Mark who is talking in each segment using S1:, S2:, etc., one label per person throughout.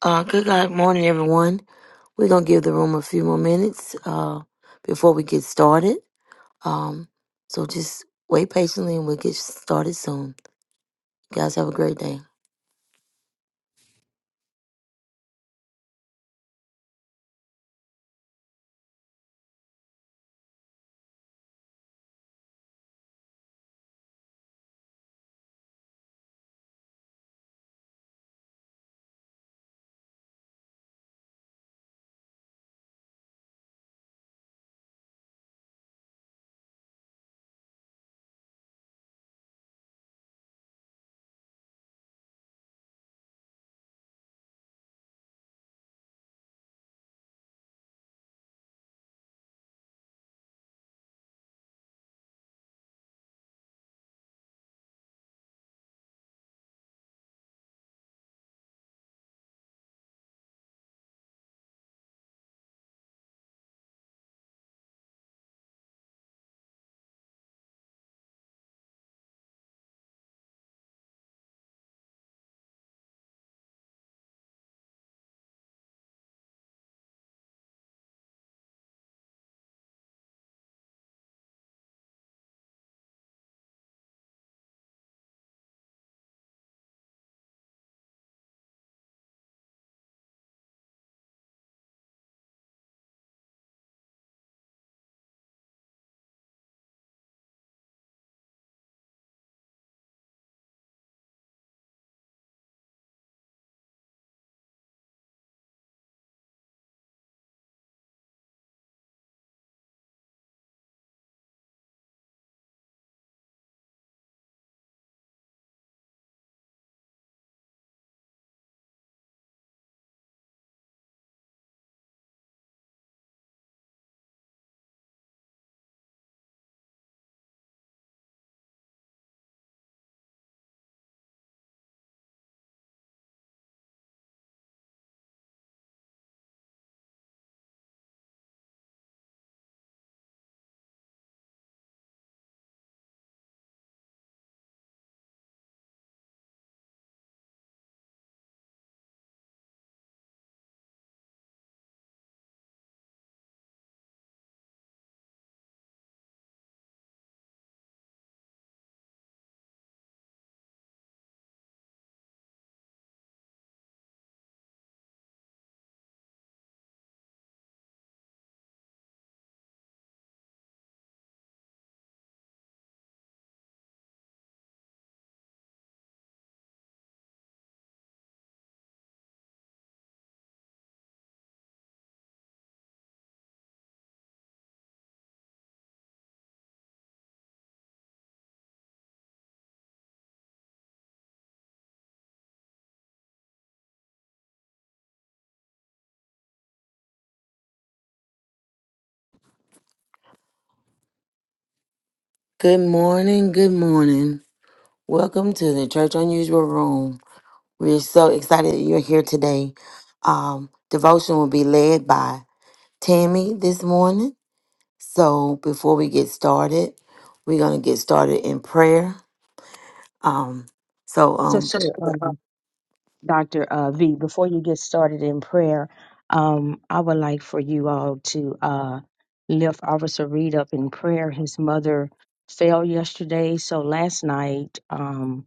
S1: Uh, good God morning, everyone. We're going to give the room a few more minutes uh, before we get started. Um, so just wait patiently and we'll get started soon. You guys have a great day. Good morning. Good morning. Welcome to the Church Unusual Room. We're so excited that you're here today. Um, devotion will be led by Tammy this morning. So before we get started, we're going to get started in prayer. Um, so, um,
S2: Sister um, Dr. Uh, v, before you get started in prayer, um, I would like for you all to uh, lift Officer Reed up in prayer. His mother fell yesterday, so last night um,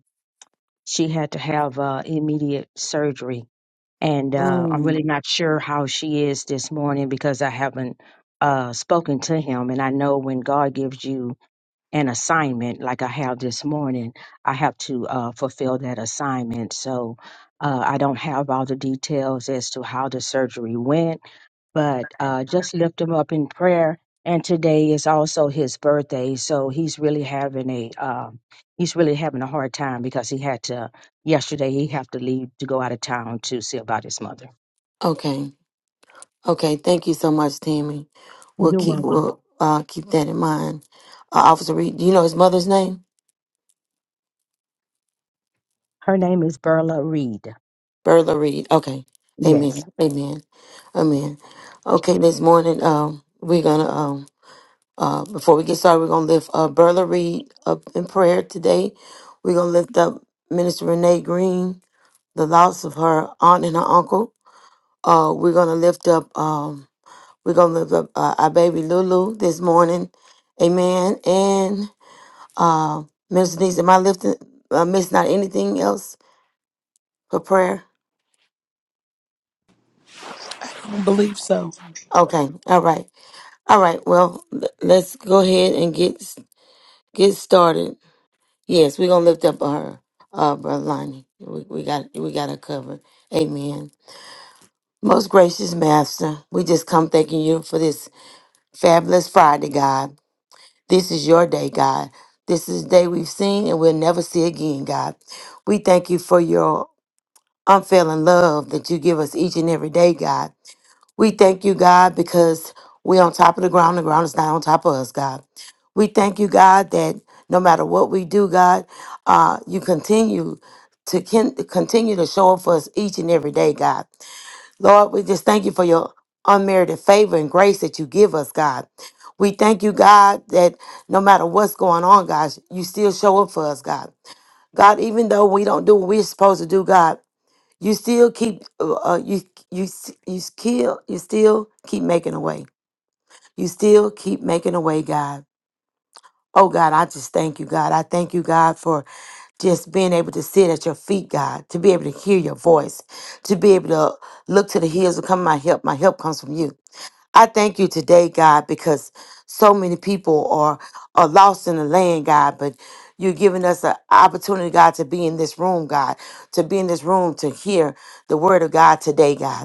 S2: she had to have uh, immediate surgery. And uh, I'm
S1: Sure.
S2: really not sure how she is this morning because I haven't uh, spoken to him. And I know when God gives you an assignment like I have this morning. I have to uh, fulfill that assignment. So uh, I don't have all the details as to how the surgery went, but uh, just lift him up in prayer. And today is also his birthday, so he's really having a um, he's really having a hard time because he had to yesterday he had to leave to go out of town to see about his mother.
S1: Okay. Okay. Thank you so much, Tammy. We'll
S2: You're
S1: keep
S2: welcome.
S1: we'll uh, keep that in mind. Uh, Officer Reed, do you know his mother's name?
S2: Her name is Berla Reed.
S1: Bertha Reed. Okay.
S2: Yes.
S1: Amen. Amen. Amen. Okay. This morning, um, we're gonna um, uh, before we get started, we're gonna lift uh, Bertha Reed up in prayer today. We're gonna lift up Minister Renee Green, the loss of her aunt and her uncle. Uh, we're gonna lift up. um. We're going to lift up uh, our baby Lulu this morning. Amen. And uh, Minister Denise, am I lifting, uh, missing out anything else for prayer?
S3: I believe so.
S1: Okay. All right. All right. Well, l- let's go ahead and get s- get started. Yes, we're going to lift up her, uh, Brother Lonnie. We, we got we got her covered. Amen. Most gracious Master, we just come thanking you for this fabulous Friday, God. This is your day, God. This is the day we've seen and we'll never see again, God. We thank you for your unfailing love that you give us each and every day, God. We thank you, God, because we're on top of the ground. The ground is not on top of us, God. We thank you, God, that no matter what we do, God, uh, you continue to kin- continue to show up for us each and every day, God. Lord, we just thank you for your unmerited favor and grace that you give us, God. We thank you, God, that no matter what's going on, God, you still show up for us, God. God, even though we don't do what we're supposed to do, God, you still keep uh, uh, you you you still you still keep making a way. You still keep making a way, God. Oh God, I just thank you, God. I thank you, God, for just being able to sit at your feet, God, to be able to hear your voice, to be able to look to the hills and come my help. My help comes from you. I thank you today, God, because so many people are are lost in the land, God, but you're giving us an opportunity, God, to be in this room, God, to be in this room to hear the word of God today, God.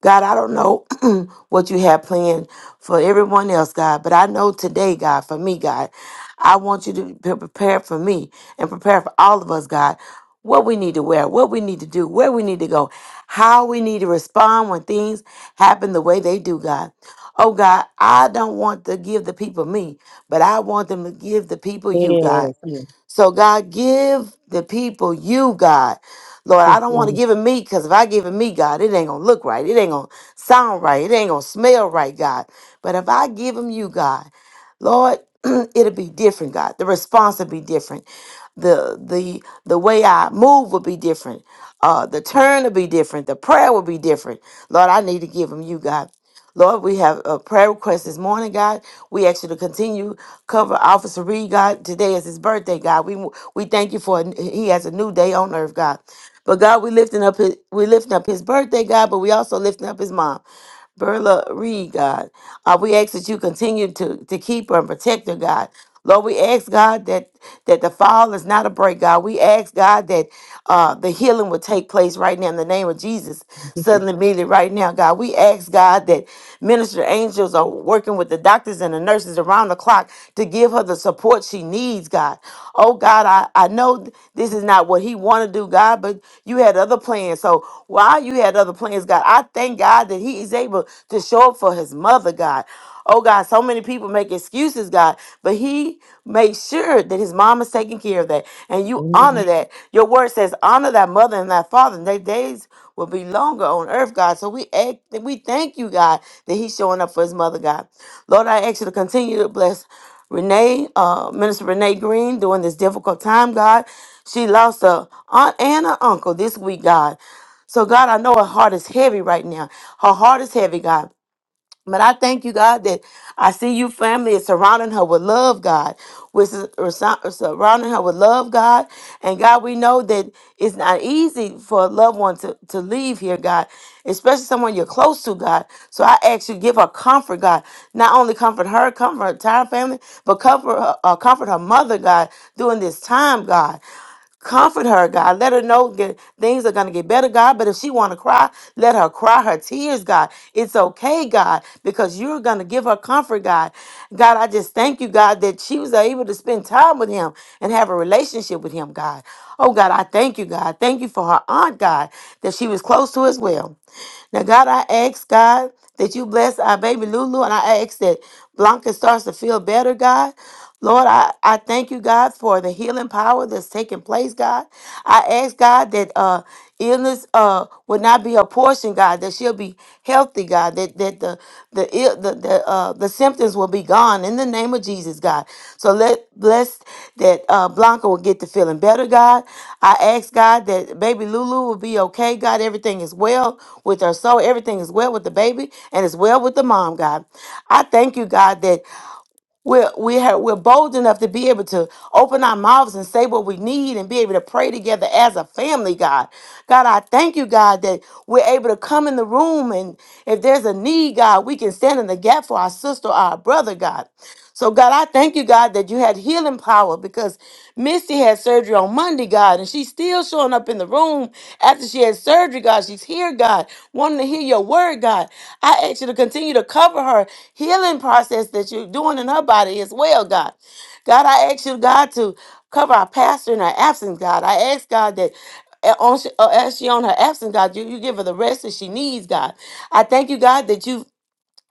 S1: God, I don't know what you have planned for everyone else, God, but I know today, God, for me, God, I want you to be prepared for me and prepare for all of us, God, what we need to wear, what we need to do, where we need to go, how we need to respond when things happen the way they do, God. Oh, God, I don't want to give the people me, but I want them to give the people you, God.
S2: Yes. Yes.
S1: So, God, give the people you, God. Lord,
S2: yes.
S1: I don't want
S2: yes.
S1: to give it me because if I give it me, God, it ain't going to look right. It ain't going to sound right. It ain't going to smell right, God. But if I give them you, God, Lord, it'll be different, God. The response will be different. The the the way I move will be different. Uh the turn will be different. The prayer will be different. Lord, I need to give them you, God. Lord, we have a prayer request this morning, God. We ask you to continue cover Officer Reed, God. Today is his birthday, God. We we thank you for a, he has a new day on earth, God. But God, we lifting up his we lifting up his birthday, God. But we also lifting up his mom. Berla Reed, God. Uh, we ask that you continue to, to keep her and protect her, God. Lord, we ask God that that the fall is not a break, God. We ask God that uh, the healing will take place right now in the name of Jesus,
S2: yes.
S1: suddenly, immediately, right now, God. We ask God that minister angels are working with the doctors and the nurses around the clock to give her the support she needs, God. Oh, God, I, I know th- this is not what he want to do, God, but you had other plans. So while you had other plans, God, I thank God that he is able to show up for his mother, God. Oh God, so many people make excuses, God, but he made sure that his mom is taking care of that. And you honor
S2: Lord.
S1: that. Your word says, honor thy mother and thy father. And they days will be longer on earth, God. So we act, we thank you, God, that he's showing up for his mother, God. Lord, I ask you to continue to bless Renee, uh, Minister Renee Green, during this difficult time, God. She lost a aunt and an uncle this week, God. So, God, I know her heart is heavy right now. Her heart is heavy, God. But I thank you, God, that I see you family is surrounding her with love, God. With or sur- surrounding her with love, God. And God, we know that it's not easy for a loved one to, to leave here, God, especially someone you're close to, God. So I ask you, give her comfort, God. Not only comfort her, comfort her entire family, but comfort her, uh, comfort her mother, God, during this time, God comfort her god let her know that things are going to get better god but if she want to cry let her cry her tears god it's okay god because you're going to give her comfort god god i just thank you god that she was able to spend time with him and have a relationship with him god oh god i thank you god thank you for her aunt god that she was close to as well now god i ask god that you bless our baby lulu and i ask that blanca starts to feel better god Lord, I, I thank you, God, for the healing power that's taking place, God. I ask, God, that uh, illness uh, would not be a portion, God, that she'll be healthy, God, that, that the the, ill, the, the, uh, the symptoms will be gone in the name of Jesus, God. So let bless that uh, Blanca will get to feeling better, God. I ask, God, that baby Lulu will be okay, God. Everything is well with her soul. Everything is well with the baby and it's well with the mom, God. I thank you, God, that we're, we have, we're bold enough to be able to open our mouths and say what we need and be able to pray together as a family, God. God, I thank you, God, that we're able to come in the room and if there's a need, God, we can stand in the gap for our sister or our brother, God. So, God, I thank you, God, that you had healing power because Misty had surgery on Monday, God, and she's still showing up in the room after she had surgery, God. She's here, God, wanting to hear your word, God. I ask you to continue to cover her healing process that you're doing in her body as well, God. God, I ask you, God, to cover our pastor in her absence, God. I ask, God, that uh, on, uh, as she on her absence, God, you, you give her the rest that she needs, God. I thank you, God, that you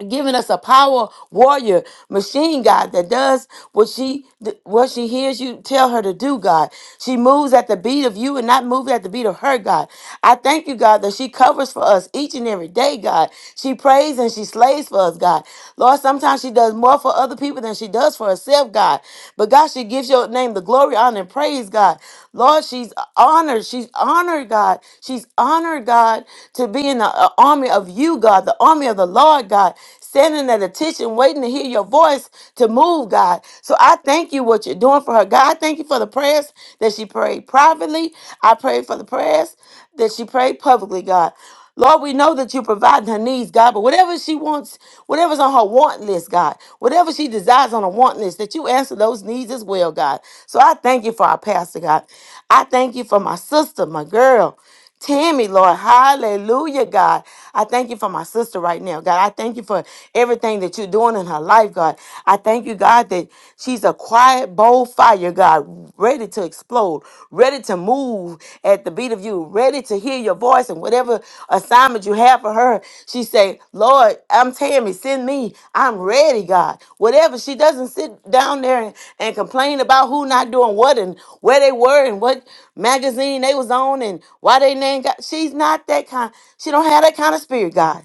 S1: giving us a power warrior machine god that does what she what she hears you tell her to do god she moves at the beat of you and not moving at the beat of her god I thank you, God, that she covers for us each and every day, God. She prays and she slays for us, God. Lord, sometimes she does more for other people than she does for herself, God. But God, she gives your name the glory, honor, and praise, God. Lord, she's honored. She's honored, God. She's honored, God, to be in the uh, army of you, God, the army of the Lord, God, standing at attention, waiting to hear your voice to move, God. So I thank you what you're doing for her, God. I thank you for the prayers that she prayed privately. I pray for the prayers that she prayed publicly, God. Lord, we know that you're providing her needs, God, but whatever she wants, whatever's on her want list, God, whatever she desires on her want list, that you answer those needs as well, God. So I thank you for our pastor, God. I thank you for my sister, my girl. Tammy, Lord. Hallelujah, God. I thank you for my sister right now, God. I thank you for everything that you're doing in her life, God. I thank you, God, that she's a quiet, bold fire, God, ready to explode, ready to move at the beat of you, ready to hear your voice and whatever assignment you have for her. She say, Lord, I'm Tammy, send me. I'm ready, God. Whatever. She doesn't sit down there and, and complain about who not doing what and where they were and what magazine they was on and why they name got she's not that kind. She don't have that kind of spirit, God.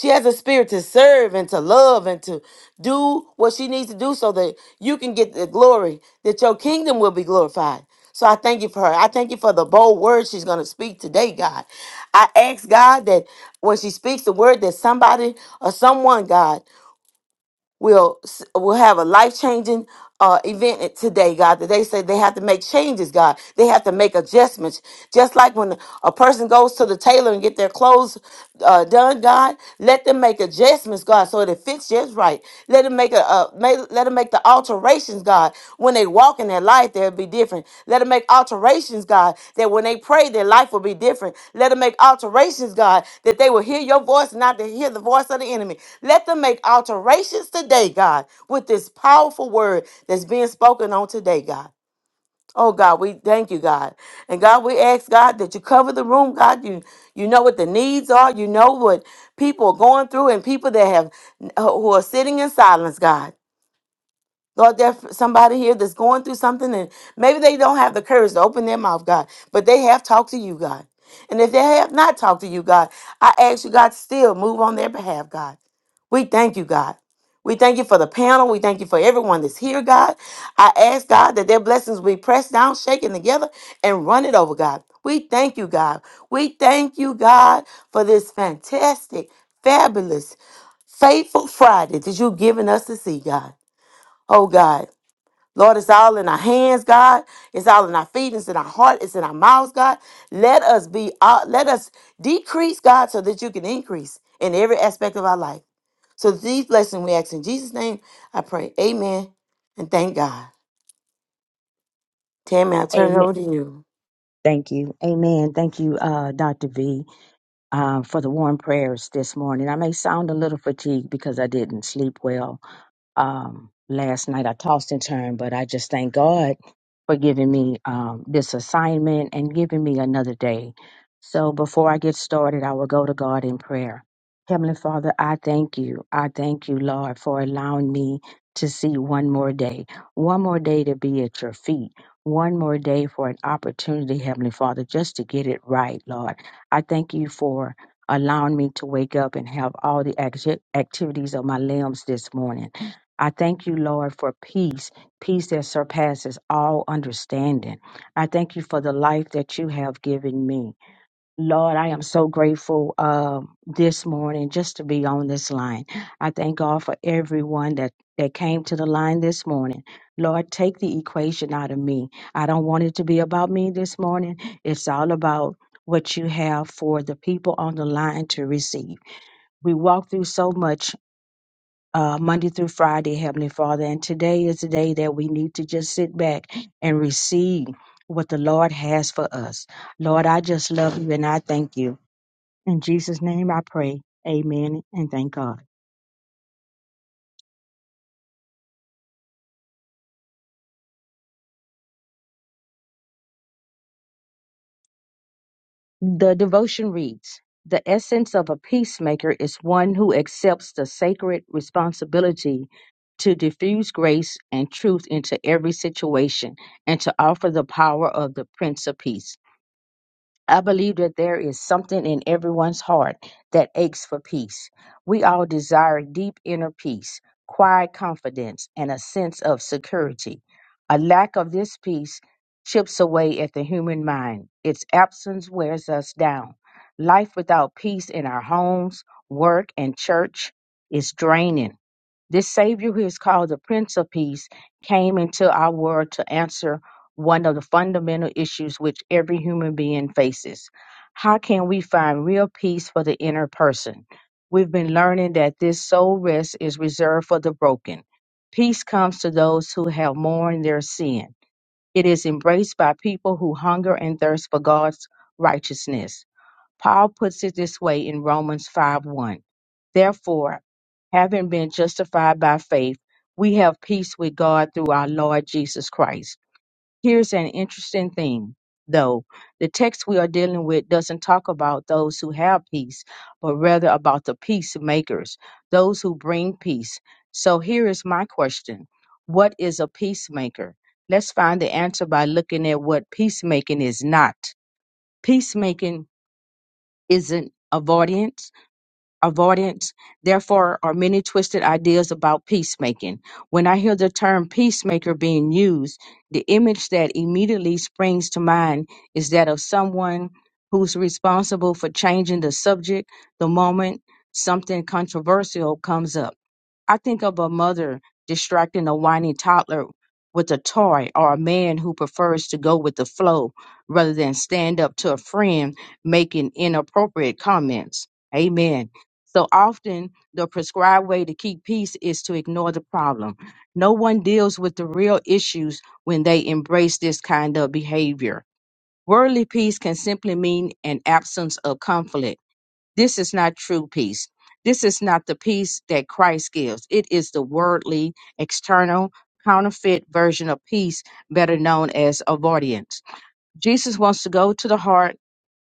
S1: She has a spirit to serve and to love and to do what she needs to do so that you can get the glory, that your kingdom will be glorified. So I thank you for her. I thank you for the bold words she's going to speak today, God. I ask God that when she speaks the word, that somebody or someone, God, will will have a life changing uh, event at- today, God. That they say they have to make changes, God. They have to make adjustments. Just like when a person goes to the tailor and get their clothes uh, done, God, let them make adjustments, God, so that it fits just right. Let them make a uh, may, let them make the alterations alterations, God. When they walk in their life, they'll be different. Let them make alterations, God, that when they pray, their life will be different. Let them make alterations, God, that they will hear your voice and not to hear the voice of the enemy. Let them make alterations today, God, with this powerful word that's being spoken on today, God. Oh God, we thank you, God. And God, we ask God that you cover the room, God. You you know what the needs are. You know what people are going through and people that have who are sitting in silence, God. Lord, there's somebody here that's going through something and maybe they don't have the courage to open their mouth, God, but they have talked to you, God. And if they have not talked to you, God, I ask you, God, still move on their behalf, God. We thank you, God. We thank you for the panel. We thank you for everyone that's here, God. I ask, God, that their blessings be pressed down, shaken together, and run it over, God. We thank you, God. We thank you, God, for this fantastic, fabulous, faithful Friday that you've given us to see, God. Oh, God. Lord, it's all in our hands, God. It's all in our feet. It's in our heart. It's in our mouths, God. Let us be, uh, let us decrease, God, so that you can increase in every aspect of our life. So these blessings we ask in Jesus' name, I pray. Amen. And thank God. Tammy, I turn
S2: Amen.
S1: it over to you.
S2: Thank you. Amen. Thank you, uh, Dr. V, uh, for the warm prayers this morning. I may sound a little fatigued because I didn't sleep well, um, last night. I tossed and turned, but I just thank God for giving me um, this assignment and giving me another day. So before I get started, I will go to God in prayer. Heavenly Father, I thank you. I thank you, Lord, for allowing me to see one more day, one more day to be at your feet, one more day for an opportunity, Heavenly Father, just to get it right, Lord. I thank you for allowing me to wake up and have all the acti- activities of my limbs this morning. I thank you, Lord, for peace, peace that surpasses all understanding. I thank you for the life that you have given me. Lord, I am so grateful uh, this morning just to be on this line. I thank God for everyone that, that came to the line this morning. Lord, take the equation out of me. I don't want it to be about me this morning. It's all about what you have for the people on the line to receive. We walk through so much uh, Monday through Friday, Heavenly Father. And today is the day that we need to just sit back and receive what the Lord has for us. Lord, I just love you and I thank you. In Jesus' name I pray. Amen and thank God. The devotion reads The essence of a peacemaker is one who accepts the sacred responsibility to diffuse grace and truth into every situation and to offer the power of the Prince of Peace. I believe that there is something in everyone's heart that aches for peace. We all desire deep inner peace, quiet confidence, and a sense of security. A lack of this peace chips away at the human mind. Its absence wears us down. Life without peace in our homes, work, and church is draining. This Savior, who is called the Prince of Peace, came into our world to answer one of the fundamental issues which every human being faces. How can we find real peace for the inner person? We've been learning that this soul rest is reserved for the broken. Peace comes to those who have mourned their sin. It is embraced by people who hunger and thirst for God's righteousness. Paul puts it this way in Romans 5 1. Therefore, having been justified by faith, we have peace with God through our Lord Jesus Christ. Here's an interesting thing, though. The text we are dealing with doesn't talk about those who have peace, but rather about the peacemakers, those who bring peace. So here is my question What is a peacemaker? Let's find the answer by looking at what peacemaking is not. Peacemaking isn't avoidance avoidance therefore are many twisted ideas about peacemaking when i hear the term peacemaker being used the image that immediately springs to mind is that of someone who's responsible for changing the subject the moment something controversial comes up I think of a mother distracting a whiny toddler with a toy or a man who prefers to go with the flow rather than stand up to a friend making inappropriate comments. Amen. So often, the prescribed way to keep peace is to ignore the problem. No one deals with the real issues when they embrace this kind of behavior. Worldly peace can simply mean an absence of conflict this is not true peace. This is not the peace that Christ gives. It is the worldly, external, counterfeit version of peace, better known as avoidance. Jesus wants to go to the heart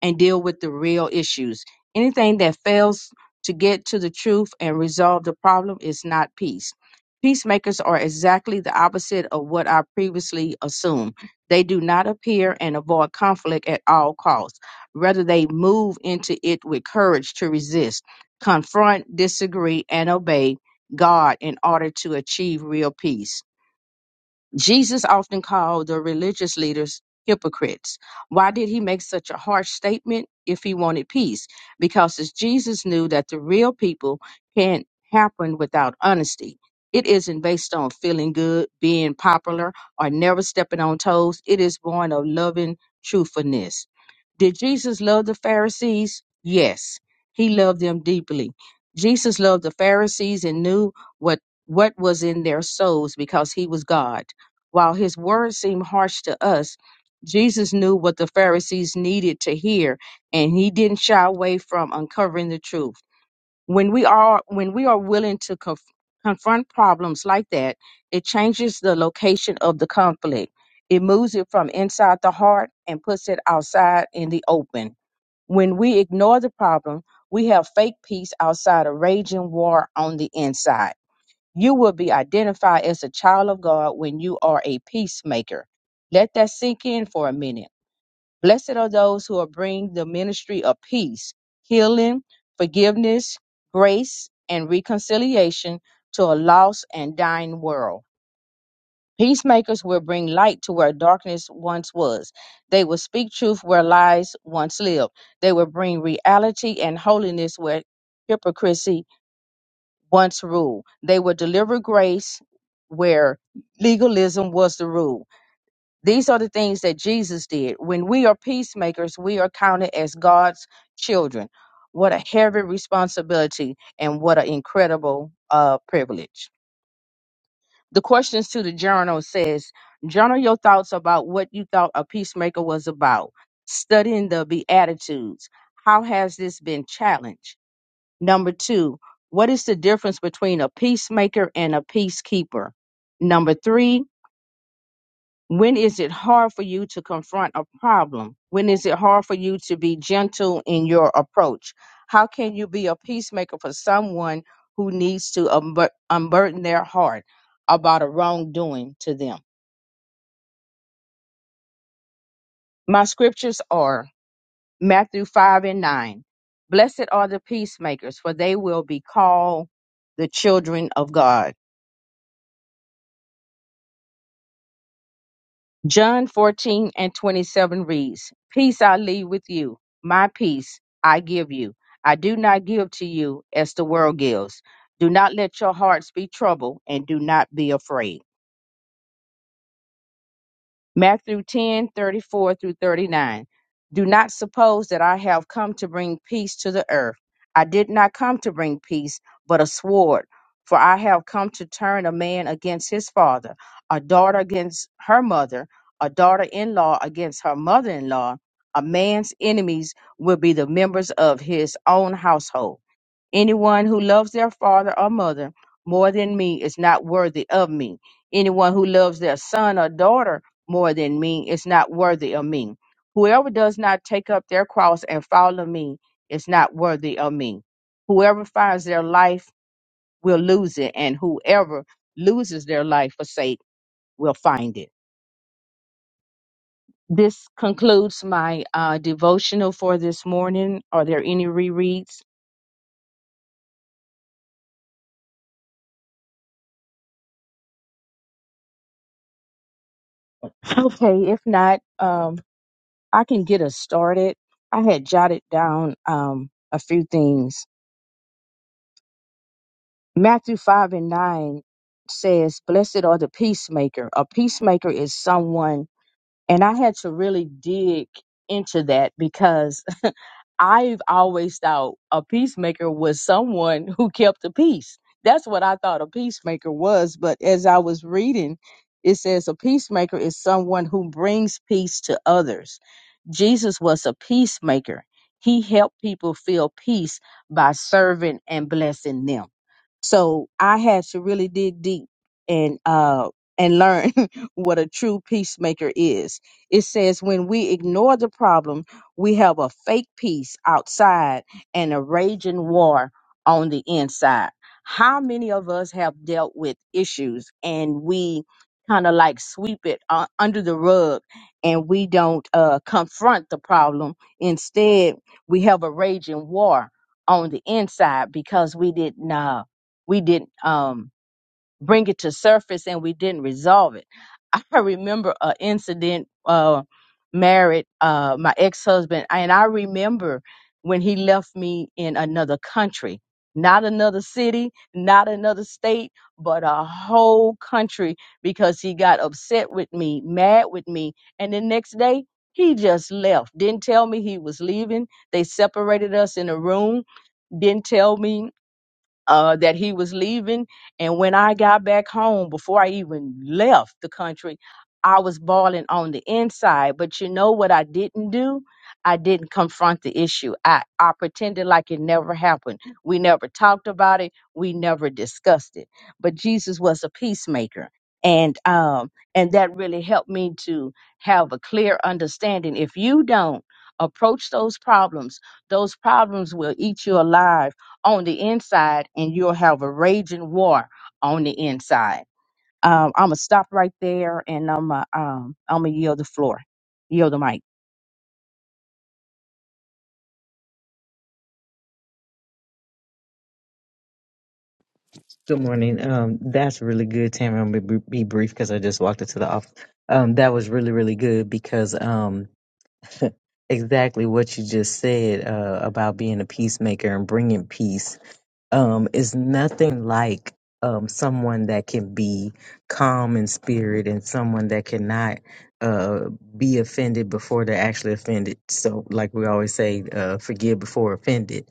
S2: and deal with the real issues. Anything that fails to get to the truth and resolve the problem is not peace. Peacemakers are exactly the opposite of what I previously assumed. They do not appear and avoid conflict at all costs. Rather, they move into it with courage to resist, confront, disagree, and obey God in order to achieve real peace. Jesus often called the religious leaders hypocrites. Why did he make such a harsh statement if he wanted peace? Because as Jesus knew that the real people can't happen without honesty. It isn't based on feeling good, being popular, or never stepping on toes. It is born of loving truthfulness. Did Jesus love the Pharisees? Yes, he loved them deeply. Jesus loved the Pharisees and knew what, what was in their souls because he was God. While his words seem harsh to us, Jesus knew what the Pharisees needed to hear, and he didn't shy away from uncovering the truth when we are when we are willing to conf- confront problems like that it changes the location of the conflict it moves it from inside the heart and puts it outside in the open when we ignore the problem we have fake peace outside a raging war on the inside you will be identified as a child of god when you are a peacemaker let that sink in for a minute Blessed are those who are bring the ministry of peace, healing, forgiveness, grace, and reconciliation to a lost and dying world. Peacemakers will bring light to where darkness once was. They will speak truth where lies once lived. They will bring reality and holiness where hypocrisy once ruled. They will deliver grace where legalism was the rule. These are the things that Jesus did. When we are peacemakers, we are counted as God's children. What a heavy responsibility and what an incredible uh, privilege. The questions to the journal says, journal your thoughts about what you thought a peacemaker was about. Studying the Beatitudes. How has this been challenged? Number two, what is the difference between a peacemaker and a peacekeeper? Number three, when is it hard for you to confront a problem? When is it hard for you to be gentle in your approach? How can you be a peacemaker for someone who needs to unbur- unburden their heart about a wrongdoing to them? My scriptures are Matthew 5 and 9. Blessed are the peacemakers, for they will be called the children of God. John 14 and 27 reads, Peace I leave with you, my peace I give you. I do not give to you as the world gives. Do not let your hearts be troubled and do not be afraid. Matthew ten thirty four through 39. Do not suppose that I have come to bring peace to the earth. I did not come to bring peace, but a sword. For I have come to turn a man against his father, a daughter against her mother, a daughter in law against her mother in law. A man's enemies will be the members of his own household. Anyone who loves their father or mother more than me is not worthy of me. Anyone who loves their son or daughter more than me is not worthy of me. Whoever does not take up their cross and follow me is not worthy of me. Whoever finds their life will lose it, and whoever loses their life for sake will find it. This concludes my uh, devotional for this morning. Are there any rereads? Okay, if not, um, I can get us started. I had jotted down um, a few things. Matthew 5 and 9 says, Blessed are the peacemaker. A peacemaker is someone, and I had to really dig into that because I've always thought a peacemaker was someone who kept the peace. That's what I thought a peacemaker was. But as I was reading, it says a peacemaker is someone who brings peace to others. Jesus was a peacemaker. He helped people feel peace by serving and blessing them. So I had to really dig deep and uh and learn what a true peacemaker is. It says when we ignore the problem we have a fake peace outside and a raging war on the inside. How many of us have dealt with issues and we kind of like sweep it uh, under the rug and we don't uh, confront the problem? Instead, we have a raging war on the inside because we didn't uh, we didn't um, bring it to surface and we didn't resolve it. I remember an incident uh married uh my ex-husband and I remember when he left me in another country, not another city, not another state, but a whole country because he got upset with me, mad with me, and the next day he just left. Didn't tell me he was leaving. They separated us in a room. Didn't tell me uh, that he was leaving. And when I got back home, before I even left the country, I was bawling on the inside. But you know what I didn't do? I didn't confront the issue. I, I pretended like it never happened. We never talked about it. We never discussed it. But Jesus was a peacemaker. And um, and that really helped me to have a clear understanding. If you don't approach those problems, those problems will eat you alive on the inside and you'll have a raging war on the inside. Um, I'm gonna stop right there and I'm uh, um, I'm gonna yield the floor, yield the mic.
S4: Good morning. Um, that's really good, Tamara. I'm gonna be be brief because I just walked into the office. Um, that was really, really good because um, exactly what you just said uh, about being a peacemaker and bringing peace um, is nothing like um, someone that can be calm in spirit and someone that cannot uh, be offended before they're actually offended. So, like we always say, uh, forgive before offended.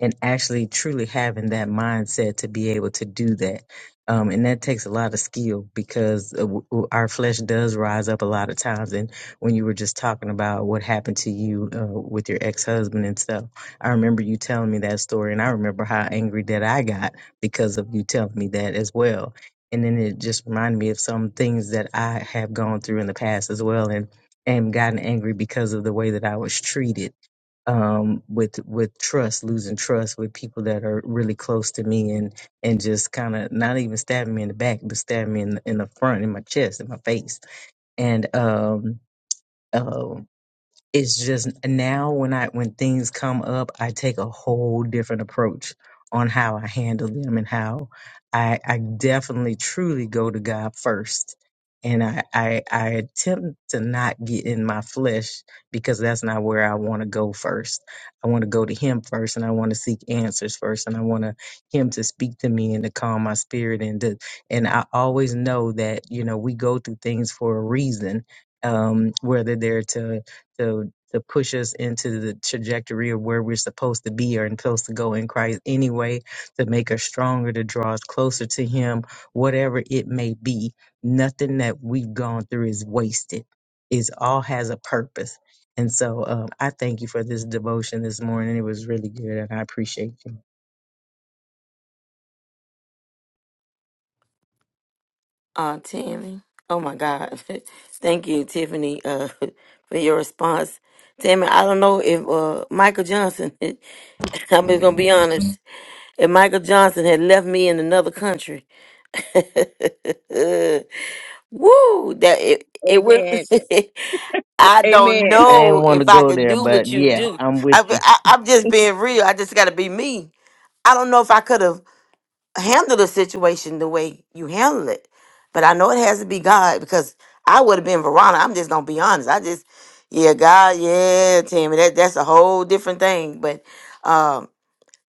S4: And actually, truly having that mindset to be able to do that. Um, and that takes a lot of skill because uh, w- w- our flesh does rise up a lot of times. And when you were just talking about what happened to you uh, with your ex husband and stuff I remember you telling me that story, and I remember how angry that I got because of you telling me that as well. And then it just reminded me of some things that I have gone through in the past as well, and and gotten angry because of the way that I was treated um, with with trust, losing trust with people that are really close to me, and and just kind of not even stabbing me in the back, but stabbing me in the, in the front, in my chest, in my face, and um, oh, it's just now when I when things come up, I take a whole different approach on how I handle them and how I I definitely truly go to God first. And I, I I attempt to not get in my flesh because that's not where I want to go first. I want to go to him first and I want to seek answers first and I want to him to speak to me and to calm my spirit and to and I always know that, you know, we go through things for a reason. Um, whether they're to to to push us into the trajectory of where we're supposed to be or supposed to go in Christ anyway, to make us stronger, to draw us closer to Him, whatever it may be. Nothing that we've gone through is wasted. It's all has a purpose. And so um, I thank you for this devotion this morning. It was really good, and I appreciate you.
S1: Uh, Tammy. Oh my God. thank you, Tiffany, uh, for your response. Tammy, I don't know if uh, Michael Johnson, I'm just going to be honest, if Michael Johnson had left me in another country, Woo! That it, it went.
S2: Amen.
S1: I don't
S2: Amen.
S4: I didn't
S1: know
S4: want to
S1: if I
S4: go
S1: could
S4: there,
S1: do what
S4: but
S1: you
S4: yeah,
S1: do.
S4: I'm with
S1: I,
S4: you.
S1: I, I'm just being real. I just got to be me. I don't know if I could have handled the situation the way you handled it, but I know it has to be God because I would have been Verona. I'm just gonna be honest. I just, yeah, God, yeah, Tammy. That that's a whole different thing. But um,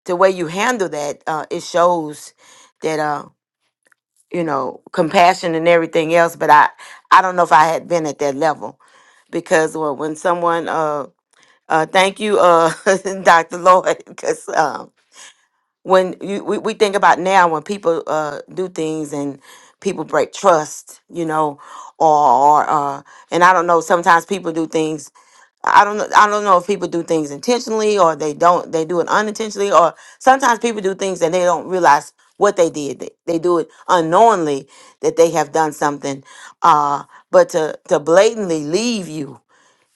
S1: the way you handle that, uh, it shows that. uh, you know compassion and everything else but i i don't know if i had been at that level because well, when someone uh uh thank you uh dr lloyd because um when you we, we think about now when people uh do things and people break trust you know or, or uh and i don't know sometimes people do things I don't know. I don't know if people do things intentionally or they don't. They do it unintentionally, or sometimes people do things and they don't realize what they did. They, they do it unknowingly that they have done something. Uh, but to to blatantly leave you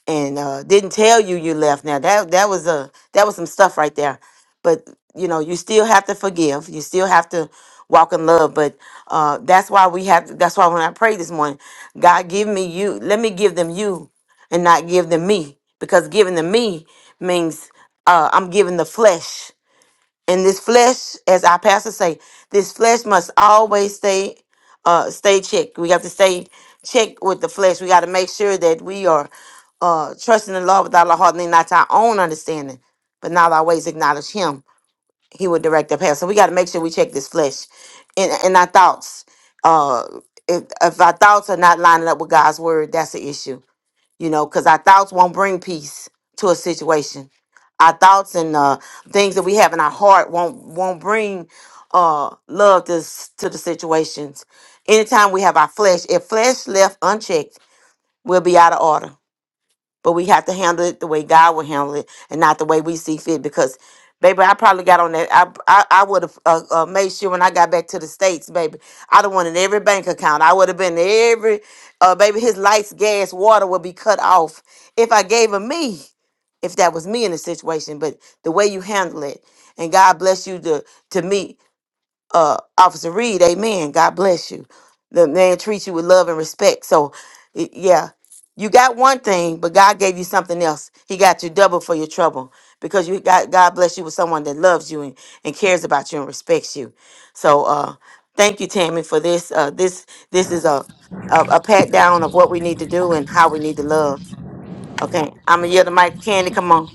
S1: and uh, didn't tell you you left. Now that that was a that was some stuff right there, but you know you still have to forgive. You still have to walk in love. But uh, that's why we have. That's why when I prayed this morning, God give me you. Let me give them you, and not give them me, because giving them me means uh, I'm giving the flesh and this flesh, as our pastor say, this flesh must always stay uh stay checked. We have to stay checked with the flesh. We got to make sure that we are uh trusting the Lord with all our heart, and lean not to our own understanding, but not always acknowledge him. He would direct our path. So we got to make sure we check this flesh and and our thoughts. Uh if, if our thoughts are not lining up with God's word, that's an issue you know, because our thoughts won't bring peace to a situation. Our thoughts and uh, things that we have in our heart won't won't bring uh, love to s- to the situations. Anytime we have our flesh, if flesh left unchecked, we'll be out of order but we have to handle it the way God will handle it and not the way we see fit. Because, baby, I probably got on that. I I, I would have uh, uh, made sure when I got back to the States, baby, I'd have wanted every bank account. I would have been every, uh, baby, his lights, gas, water would be cut off if I gave him me, if that was me in the situation. But the way you handle it, and God bless you to, to me uh, Officer Reed, amen. God bless you. The man treats you with love and respect. So, y- yeah, you got one thing, but God gave you something else. He got you double for your trouble because you got God bless you with someone that loves you and, and cares about you and respects you. So, uh, thank you, Tammy, for this. Uh, this this is a, a a pat down of what we need to do and how we need to love. Okay, I'm gonna yell the mic. Candy, come on.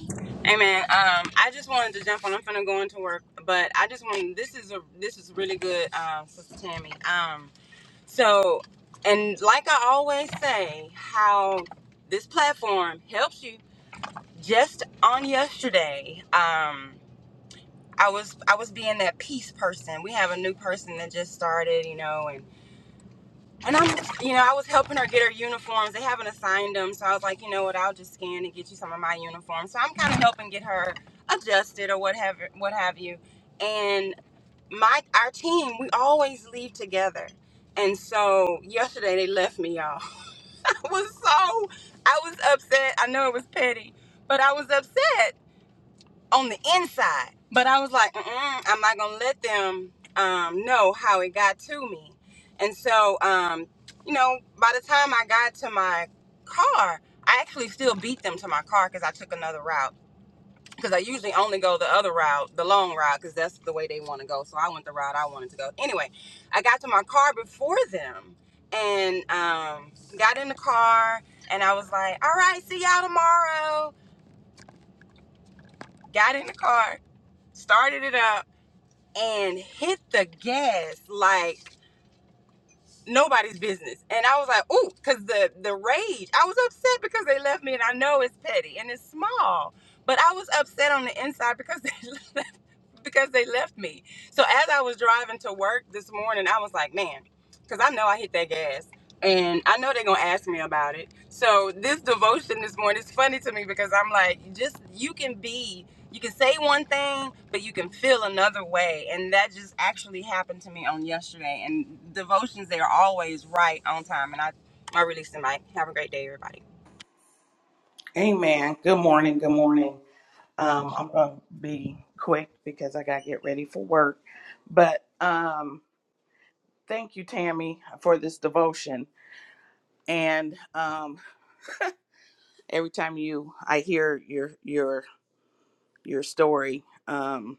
S5: Amen. Um, I just wanted to jump on. I'm finna go into work, but I just wanted. This is a this is really good, um, Sister Tammy. Um, so, and like I always say, how this platform helps you. Just on yesterday, um, I was I was being that peace person. We have a new person that just started, you know, and I'm, you know, I was helping her get her uniforms. They haven't assigned them, so I was like, you know what? I'll just scan and get you some of my uniforms. So I'm kind of helping get her adjusted or what have what have you. And my our team, we always leave together. And so yesterday they left me, y'all. I was so I was upset. I know it was petty, but I was upset on the inside. But I was like, Mm-mm, I'm not gonna let them um, know how it got to me. And so, um, you know, by the time I got to my car, I actually still beat them to my car because I took another route. Because I usually only go the other route, the long route, because that's the way they want to go. So I went the route I wanted to go. Anyway, I got to my car before them and um, got in the car. And I was like, all right, see y'all tomorrow. Got in the car, started it up and hit the gas like nobody's business. And I was like, ooh, because the the rage, I was upset because they left me, and I know it's petty and it's small, but I was upset on the inside because they because they left me. So as I was driving to work this morning, I was like, man, because I know I hit that gas. And I know they're gonna ask me about it. So this devotion this morning is funny to me because I'm like, just you can be, you can say one thing, but you can feel another way. And that just actually happened to me on yesterday. And devotions, they are always right on time. And I, I release the mic. Have a great day, everybody.
S3: Amen. Good morning. Good morning. Um, I'm going to be quick because I got to get ready for work. But um, thank you, Tammy, for this devotion. And um, every time you, I hear your your your story, um,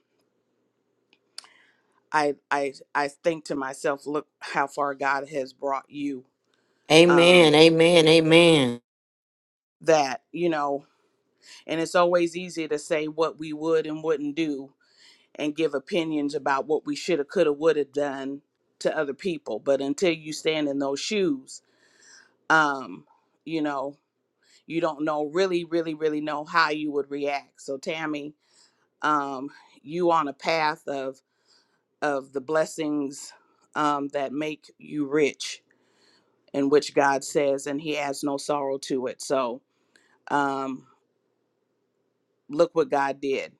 S3: I I I think to myself, look how far God has brought you. Um,
S1: Amen. Amen. Amen.
S3: that you know, and it's always easy to say what we would and wouldn't do and give opinions about what we should have, could have, would have done to other people. But until you stand in those shoes, um, you know, you don't know really, really, really know how you would react. So Tammy, um, you on a path of of the blessings um, that make you rich, and which God says, and He adds no sorrow to it. So um, look what God did.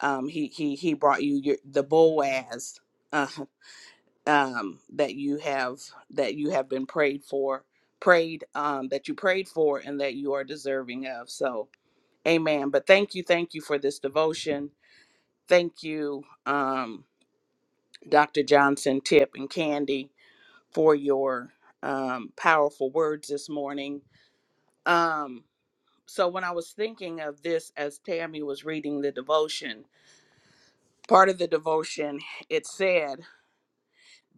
S3: Um, he he he brought you your, the Boaz. Uh, um, that you have that you have been prayed for, prayed um, that you prayed for, and that you are deserving of. So, Amen. But thank you, thank you for this devotion. Thank you, um, Dr. Johnson, Tip, and Candy for your um, powerful words this morning. Um, so, when I was thinking of this as Tammy was reading the devotion, part of the devotion it said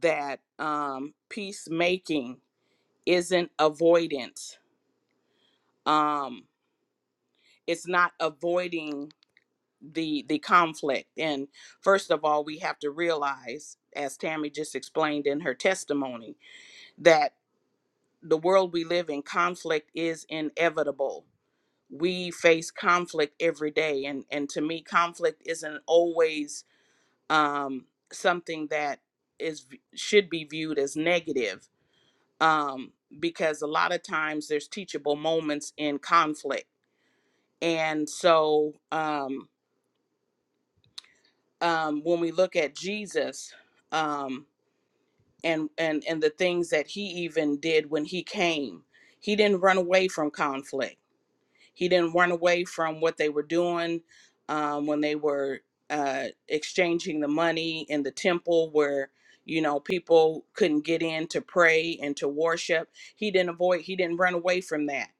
S3: that um, peacemaking isn't avoidance um it's not avoiding the the conflict and first of all we have to realize as tammy just explained in her testimony that the world we live in conflict is inevitable we face conflict every day and and to me conflict isn't always um something that is should be viewed as negative um because a lot of times there's teachable moments in conflict And so um, um, when we look at Jesus um, and, and, and the things that he even did when he came, he didn't run away from conflict. He didn't run away from what they were doing um, when they were uh, exchanging the money in the temple where, you know, people couldn't get in to pray and to worship. He didn't avoid, he didn't run away from that.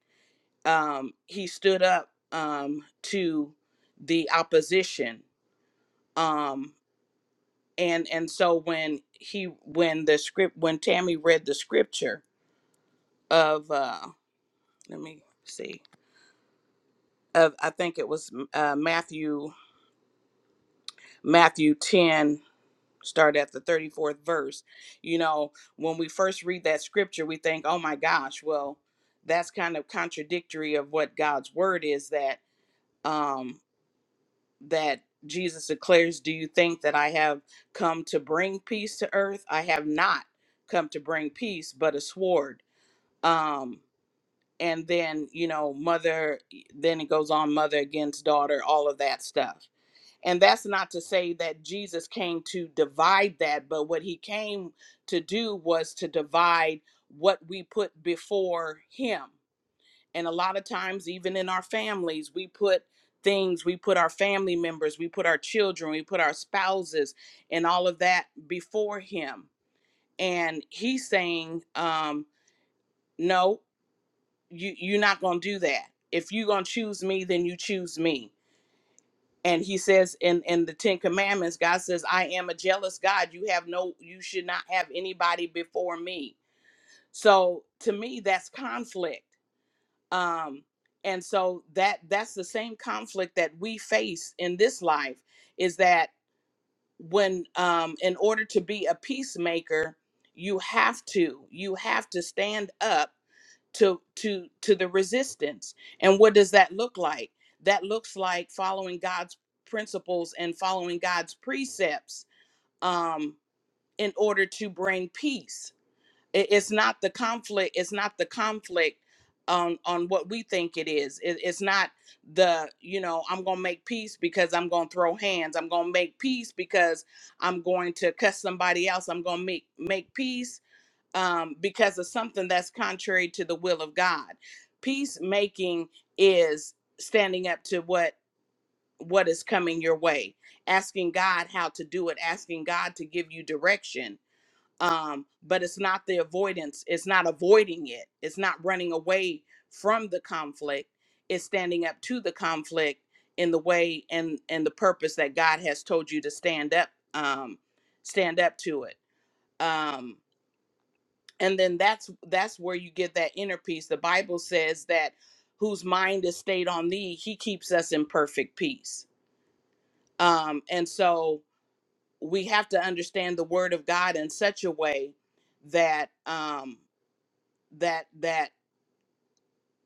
S3: Um, he stood up um, to the opposition um and and so when he when the script when tammy read the scripture of uh let me see of i think it was uh matthew matthew 10 start at the 34th verse you know when we first read that scripture we think oh my gosh well that's kind of contradictory of what god's word is that um. that Jesus declares, Do you think that I have come to bring peace to earth? I have not come to bring peace, but a sword. Um, and then, you know, mother, then it goes on mother against daughter, all of that stuff. And that's not to say that Jesus came to divide that, but what he came to do was to divide what we put before him and a lot of times even in our families we put things we put our family members we put our children we put our spouses and all of that before him and he's saying um no you you're not gonna do that if you're gonna choose me then you choose me and he says in in the ten commandments god says i am a jealous god you have no you should not have anybody before me so to me that's conflict um and so that that's the same conflict that we face in this life is that when um in order to be a peacemaker you have to you have to stand up to to to the resistance and what does that look like that looks like following god's principles and following god's precepts um in order to bring peace it, it's not the conflict it's not the conflict on on what we think it is it, it's not the you know i'm gonna make peace because i'm gonna throw hands i'm gonna make peace because i'm going to cuss somebody else i'm gonna make make peace um, because of something that's contrary to the will of god peacemaking is standing up to what what is coming your way asking god how to do it asking god to give you direction um, but it's not the avoidance. It's not avoiding it. It's not running away from the conflict. It's standing up to the conflict in the way and and the purpose that God has told you to stand up, um, stand up to it. Um, and then that's that's where you get that inner peace. The Bible says that whose mind is stayed on thee, he keeps us in perfect peace. Um, and so we have to understand the word of God in such a way that um, that that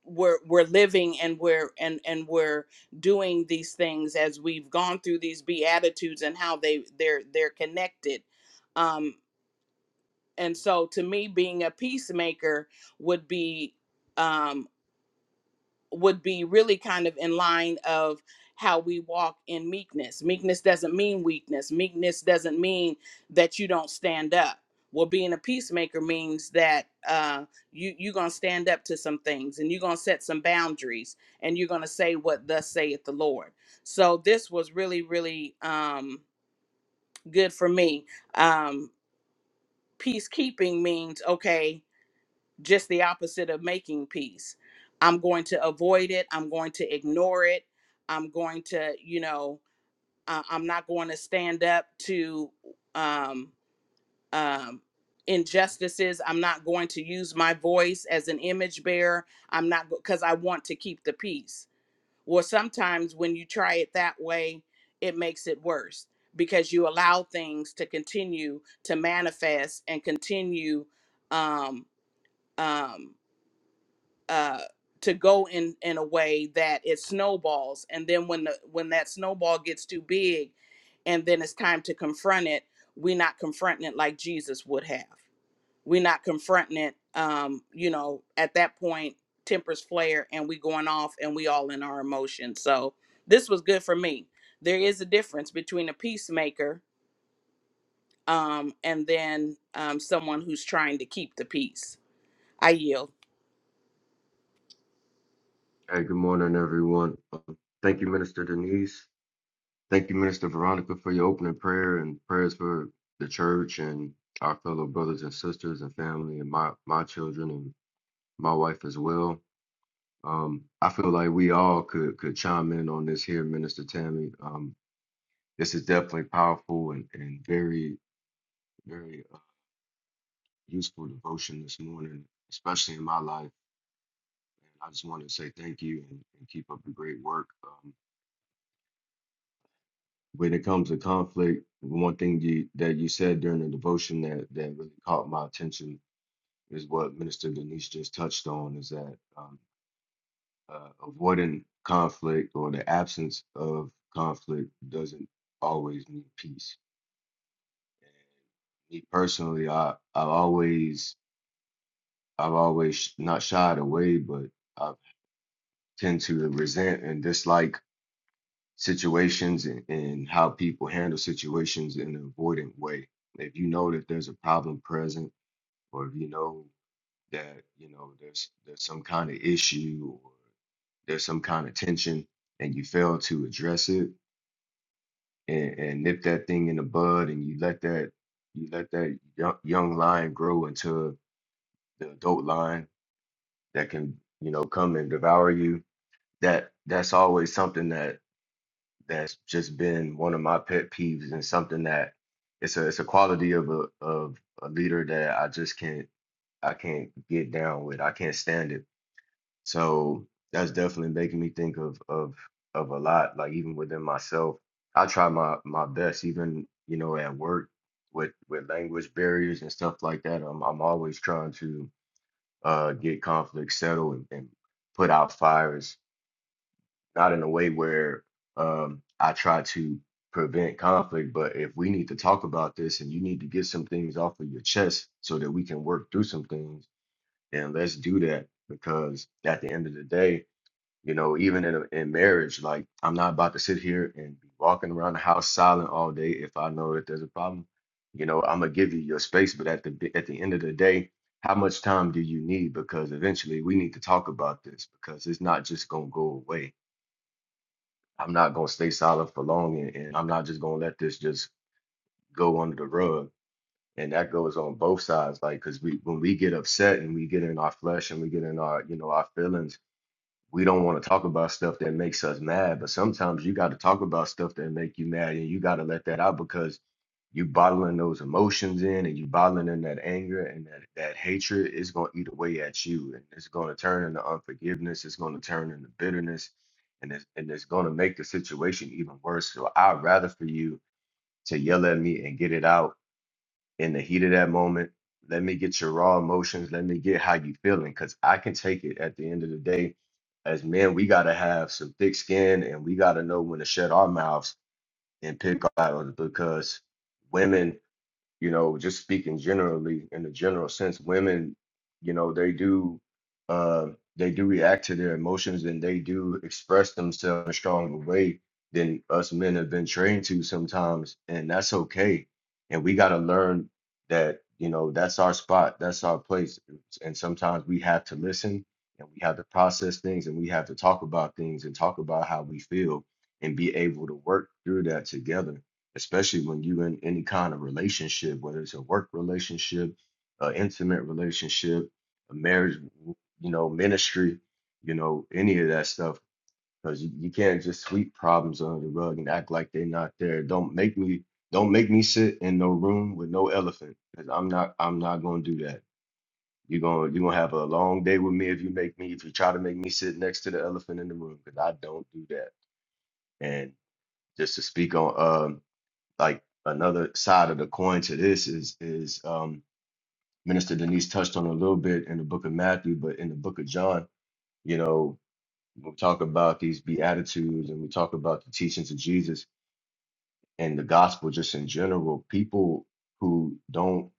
S3: we're we're living and we're and and we're doing these things as we've gone through these beatitudes and how they they're they're connected um and so to me being a peacemaker would be um, would be really kind of in line of how we walk in meekness. Meekness doesn't mean weakness. Meekness doesn't mean that you don't stand up. Well, being a peacemaker means that uh, you you're gonna stand up to some things, and you're gonna set some boundaries, and you're gonna say what thus saith the Lord. So this was really really um, good for me. Um, peacekeeping means okay just the opposite of making peace. I'm going to avoid it. I'm going to ignore it. I'm going to, you know, uh, I'm not going to stand up to um, um, injustices. I'm not going to use my voice as an image bearer. I'm not because I want to keep the peace. Well, sometimes when you try it that way, it makes it worse because you allow things to continue to manifest and continue um, um, uh to go in in a way that it snowballs and then when the when that snowball gets too big and then it's time to confront it we're not confronting it like jesus would have we're not confronting it um you know at that point tempers flare and we going off and we all in our emotions so this was good for me there is a difference between a peacemaker um and then um someone who's trying to keep the peace i yield
S6: Hey, good morning, everyone. Um, Thank you, Minister Denise. Thank you, Minister Veronica, for your opening prayer and prayers for the church and our fellow brothers and sisters and family and my, my children and my wife as well. Um, I feel like we all could could chime in on this here, Minister Tammy. Um, this is definitely powerful and, and very, very uh, useful devotion this morning, especially in my life. And I just want to say thank you and, and keep up the great work. Um, when it comes to conflict, one thing you, that you said during the devotion that, that really caught my attention is what Minister Denise just touched on is that um, uh, avoiding conflict or the absence of conflict doesn't always mean peace. Me personally, I, I've always, I've always not shied away, but I tend to resent and dislike situations and, and how people handle situations in an avoidant way. If you know that there's a problem present, or if you know that you know there's there's some kind of issue or there's some kind of tension and you fail to address it and, and nip that thing in the bud and you let that you let that young, young lion grow into the adult lion that can you know come and devour you that that's always something that that's just been one of my pet peeves and something that it's a it's a quality of a of a leader that I just can't I can't get down with I can't stand it So that's definitely making me think of of of a lot. Like even within myself, I try my my best, even you know at work with with language barriers and stuff like that. I'm I'm always trying to uh get conflicts settled and, and put out fires, not in a way where um I try to prevent conflict, but if we need to talk about this and you need to get some things off of your chest so that we can work through some things, then let's do that because at the end of the day you know, even in a, in marriage, like I'm not about to sit here and be walking around the house silent all day if I know that there's a problem. You know, I'm gonna give you your space, but at the b- at the end of the day, how much time do you need? Because eventually we need to talk about this because it's not just gonna go away. I'm not gonna stay silent for long, and, and I'm not just gonna let this just go under the rug. And that goes on both sides, like because we when we get upset and we get in our flesh and we get in our you know our feelings we don't want to talk about stuff that makes us mad, but sometimes you got to talk about stuff that make you mad and you got to let that out because you bottling those emotions in and you bottling in that anger and that, that hatred is going to eat away at you and it's going to turn into unforgiveness. It's going to turn into bitterness and it's, and it's going to make the situation even worse. So I'd rather for you to yell at me and get it out in the heat of that moment. Let me get your raw emotions. Let me get how you feeling, because I can take it. At the end of the day, as men, we gotta have some thick skin, and we gotta know when to shut our mouths and pick our battles. Because women you know, just speaking generally in the general sense, women, you know, they do uh, they do react to their emotions and they do express themselves in a stronger way than us men have been trained to sometimes, and that's okay. And we got to learn that, you know, that's our spot, that's our place, and sometimes we have to listen and we have to process things and we have to talk about things and talk about how we feel and be able to work through that together especially when you in any kind of relationship, whether it's a work relationship, an intimate relationship, a marriage, you know, ministry, you know, any of that stuff. Because you, you can't just sweep problems under the rug and act like they're not there. Don't make me don't make me sit in no room with no elephant. Because I'm not I'm not gonna do that. You're gonna you're gonna have a long day with me if you make me if you try to make me sit next to the elephant in the room because I don't do that. And just to speak on um like another side of the coin to this is is um minister denise touched on a little bit in the book of matthew but in the book of john you know we talk about these beatitudes and we talk about the teachings of jesus and the gospel just in general people who don't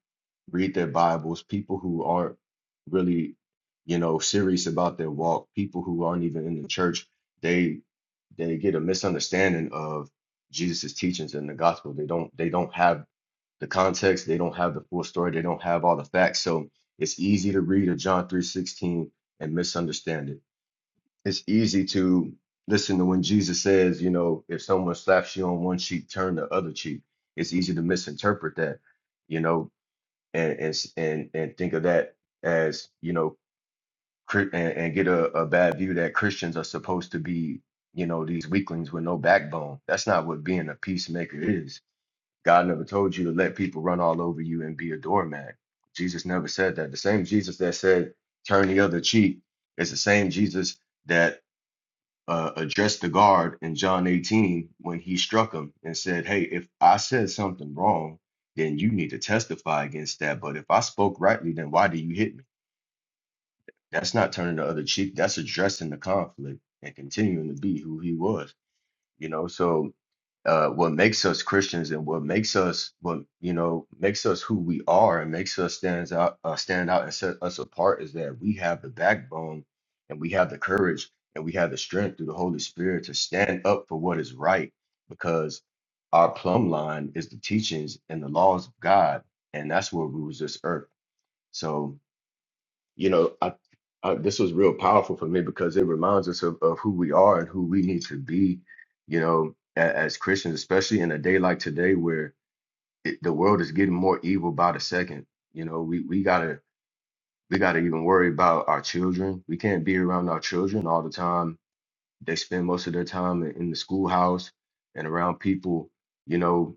S6: read their bibles people who aren't really you know serious about their walk people who aren't even in the church they they get a misunderstanding of jesus' teachings in the gospel they don't they don't have the context. They don't have the full story. They don't have all the facts. So it's easy to read a John 3:16 and misunderstand it. It's easy to listen to when Jesus says, you know, if someone slaps you on one cheek, turn the other cheek. It's easy to misinterpret that, you know, and and and, and think of that as, you know, Chri- and, and get a, a bad view that Christians are supposed to be, you know, these weaklings with no backbone. That's not what being a peacemaker is God never told you to let people run all over you and be a doormat. Jesus never said that. The same Jesus that said, turn the other cheek, is the same Jesus that uh, addressed the guard in John 18 when he struck him and said, Hey, if I said something wrong, then you need to testify against that. But if I spoke rightly, then why do you hit me? That's not turning the other cheek. That's addressing the conflict and continuing to be who he was you know so uh what makes us christians and what makes us what you know makes us who we are and makes us stands out uh, stand out and set us apart is that we have the backbone and we have the courage and we have the strength through the holy spirit to stand up for what is right because our plumb line is the teachings and the laws of god and that's where rules this earth so you know, I, I this was real powerful for me because it reminds us of, of who we are and who we need to be, you know, as, as Christians, especially in a day like today where it, the world is getting more evil by the second. You know, we we gotta we gotta even worry about our children. We can't be around our children all the time they spend most of their time in in the schoolhouse and around people, you know,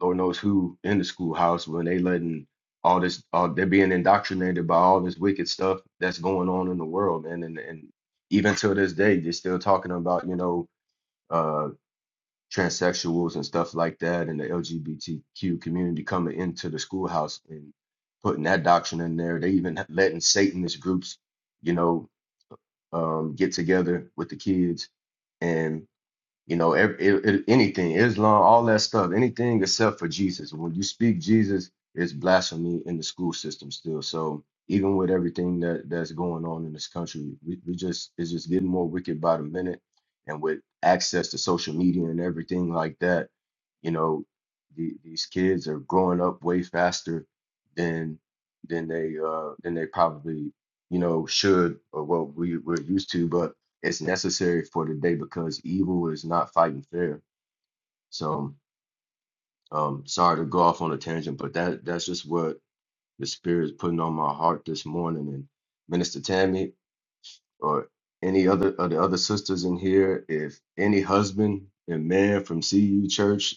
S6: Lord knows who in the schoolhouse when they letting all this, all, they're being indoctrinated by all this wicked stuff that's going on in the world, man. And and even till this day, they're still talking about, you know, uh, transsexuals and stuff like that, and the LGBTQ community coming into the schoolhouse and putting that doctrine in there. They even letting Satanist groups, you know, um, get together with the kids and you know, ev it, it, anything, Islam, all that stuff, anything except for Jesus. When you speak Jesus, it's blasphemy in the school system still. So even with everything that that's going on in this country, we, we just it's just getting more wicked by the minute. And with access to social media and everything like that, you know, the, these kids are growing up way faster than than they uh than they probably you know should or what we we're used to. But it's necessary for today because evil is not fighting fair. So, um, sorry to go off on a tangent, but that that's just what the spirit is putting on my heart this morning. And Minister Tammy or any other of the other sisters in here, if any husband and man from CU Church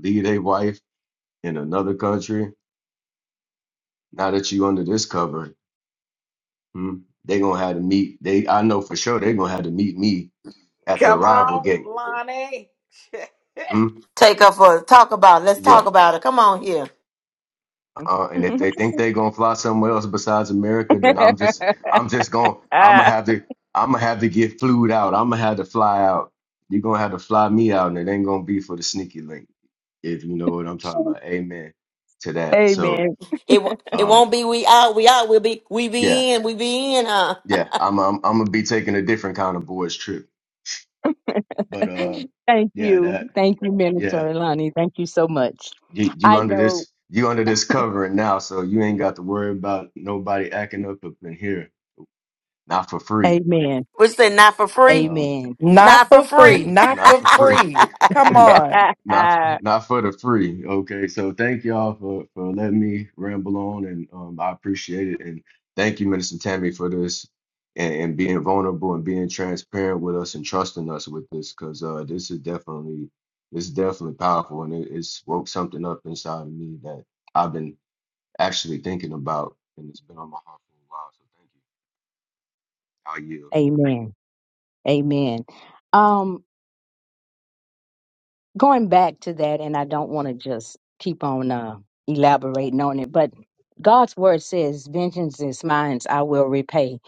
S6: lead a wife in another country, now that you under this cover, hmm, they gonna have to meet. They I know for sure they gonna have to meet me at the
S3: Come
S6: arrival
S3: on,
S6: gate.
S3: Lonnie.
S6: Hmm?
S1: Take up for talk about. it. Let's
S6: Yeah,
S1: talk about it. Come on here.
S6: Uh, and if they think they're gonna fly somewhere else besides America, then I'm just I'm just gonna I'm gonna have to I'm gonna have to get flued out. I'm gonna have to fly out. You're gonna have to fly me out, and it ain't gonna be for the sneaky link, if you know what I'm talking about. Amen to that. So
S2: Amen.
S1: It wo- it
S6: um
S1: won't be we out, we out, we'll be we
S6: yeah
S1: be in, we be in, huh?
S6: yeah I'm I'm, I'm gonna be taking a different kind of boys trip, but uh
S2: Thank
S6: yeah
S2: you.
S6: that
S2: Thank you, Minister
S6: yeah
S2: Ilani. Thank you so much.
S6: you, you
S2: I
S6: under
S2: know.
S6: this you under this covering now, so you ain't got to worry about nobody acting up up in here not for free.
S2: Amen.
S1: We say not for
S6: But
S1: free.
S6: um,
S2: Amen.
S7: Not
S1: Not for
S7: for free.
S1: free.
S7: Not
S6: Not
S7: for
S6: for free.
S7: free. Come
S6: Not
S7: on.
S6: not not for the free. Okay. So thank y'all for for letting me ramble on and um I appreciate it. And thank you, Minister Tammy, for this and, and being vulnerable and being transparent with us and trusting us with this because uh this is definitely this is definitely powerful and it, it's woke something up inside of me that I've been actually thinking about and it's been on my heart for a while. So thank you. I yield.
S2: Amen. Amen. Um, going back to that, and I don't want to just keep on uh, elaborating on it, but God's word says, "Vengeance is mine; I will repay."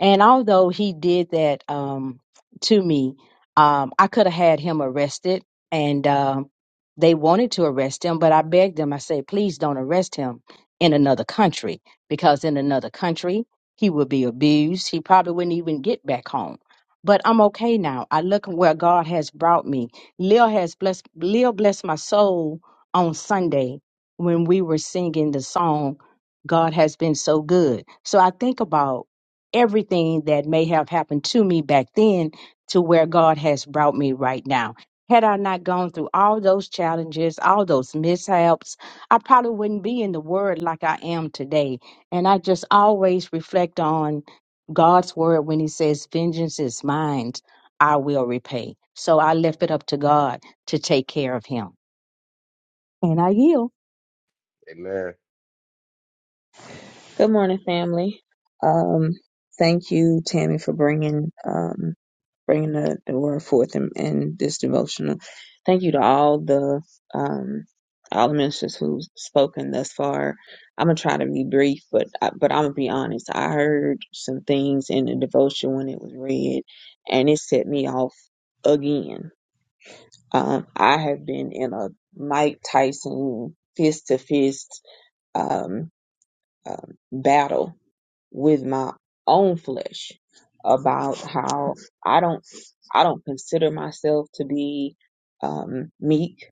S2: And although He did that um, to me, um, I could have had him arrested, and um, they wanted to arrest him, but I begged them. I said, "Please don't arrest him in another country, because in another country he would be abused. He probably wouldn't even get back home." But I'm okay now. I look where God has brought me Lil has blessed Lil blessed my soul on Sunday when we were singing the song God has been so good. So I think about everything that may have happened to me back then to where God has brought me right now. Had I not gone through all those challenges, all those mishaps, I probably wouldn't be in the word like I am today. And I just always reflect on God's word when he says, Vengeance is mine I will repay. So I left it up to God to take care of him. And I yield.
S6: Amen.
S8: Good morning, family. Um, thank you, Tammy, for bringing um, bringing the, the word forth in, in this devotional. Thank you to all the um, all the ministers who've spoken thus far. I'm gonna try to be brief, but I, but I'm gonna be honest. I heard some things in the devotion when it was read, and it set me off again. Um, I have been in a Mike Tyson fist to fist um, um, battle with my own flesh about how I don't I don't consider myself to be um, meek.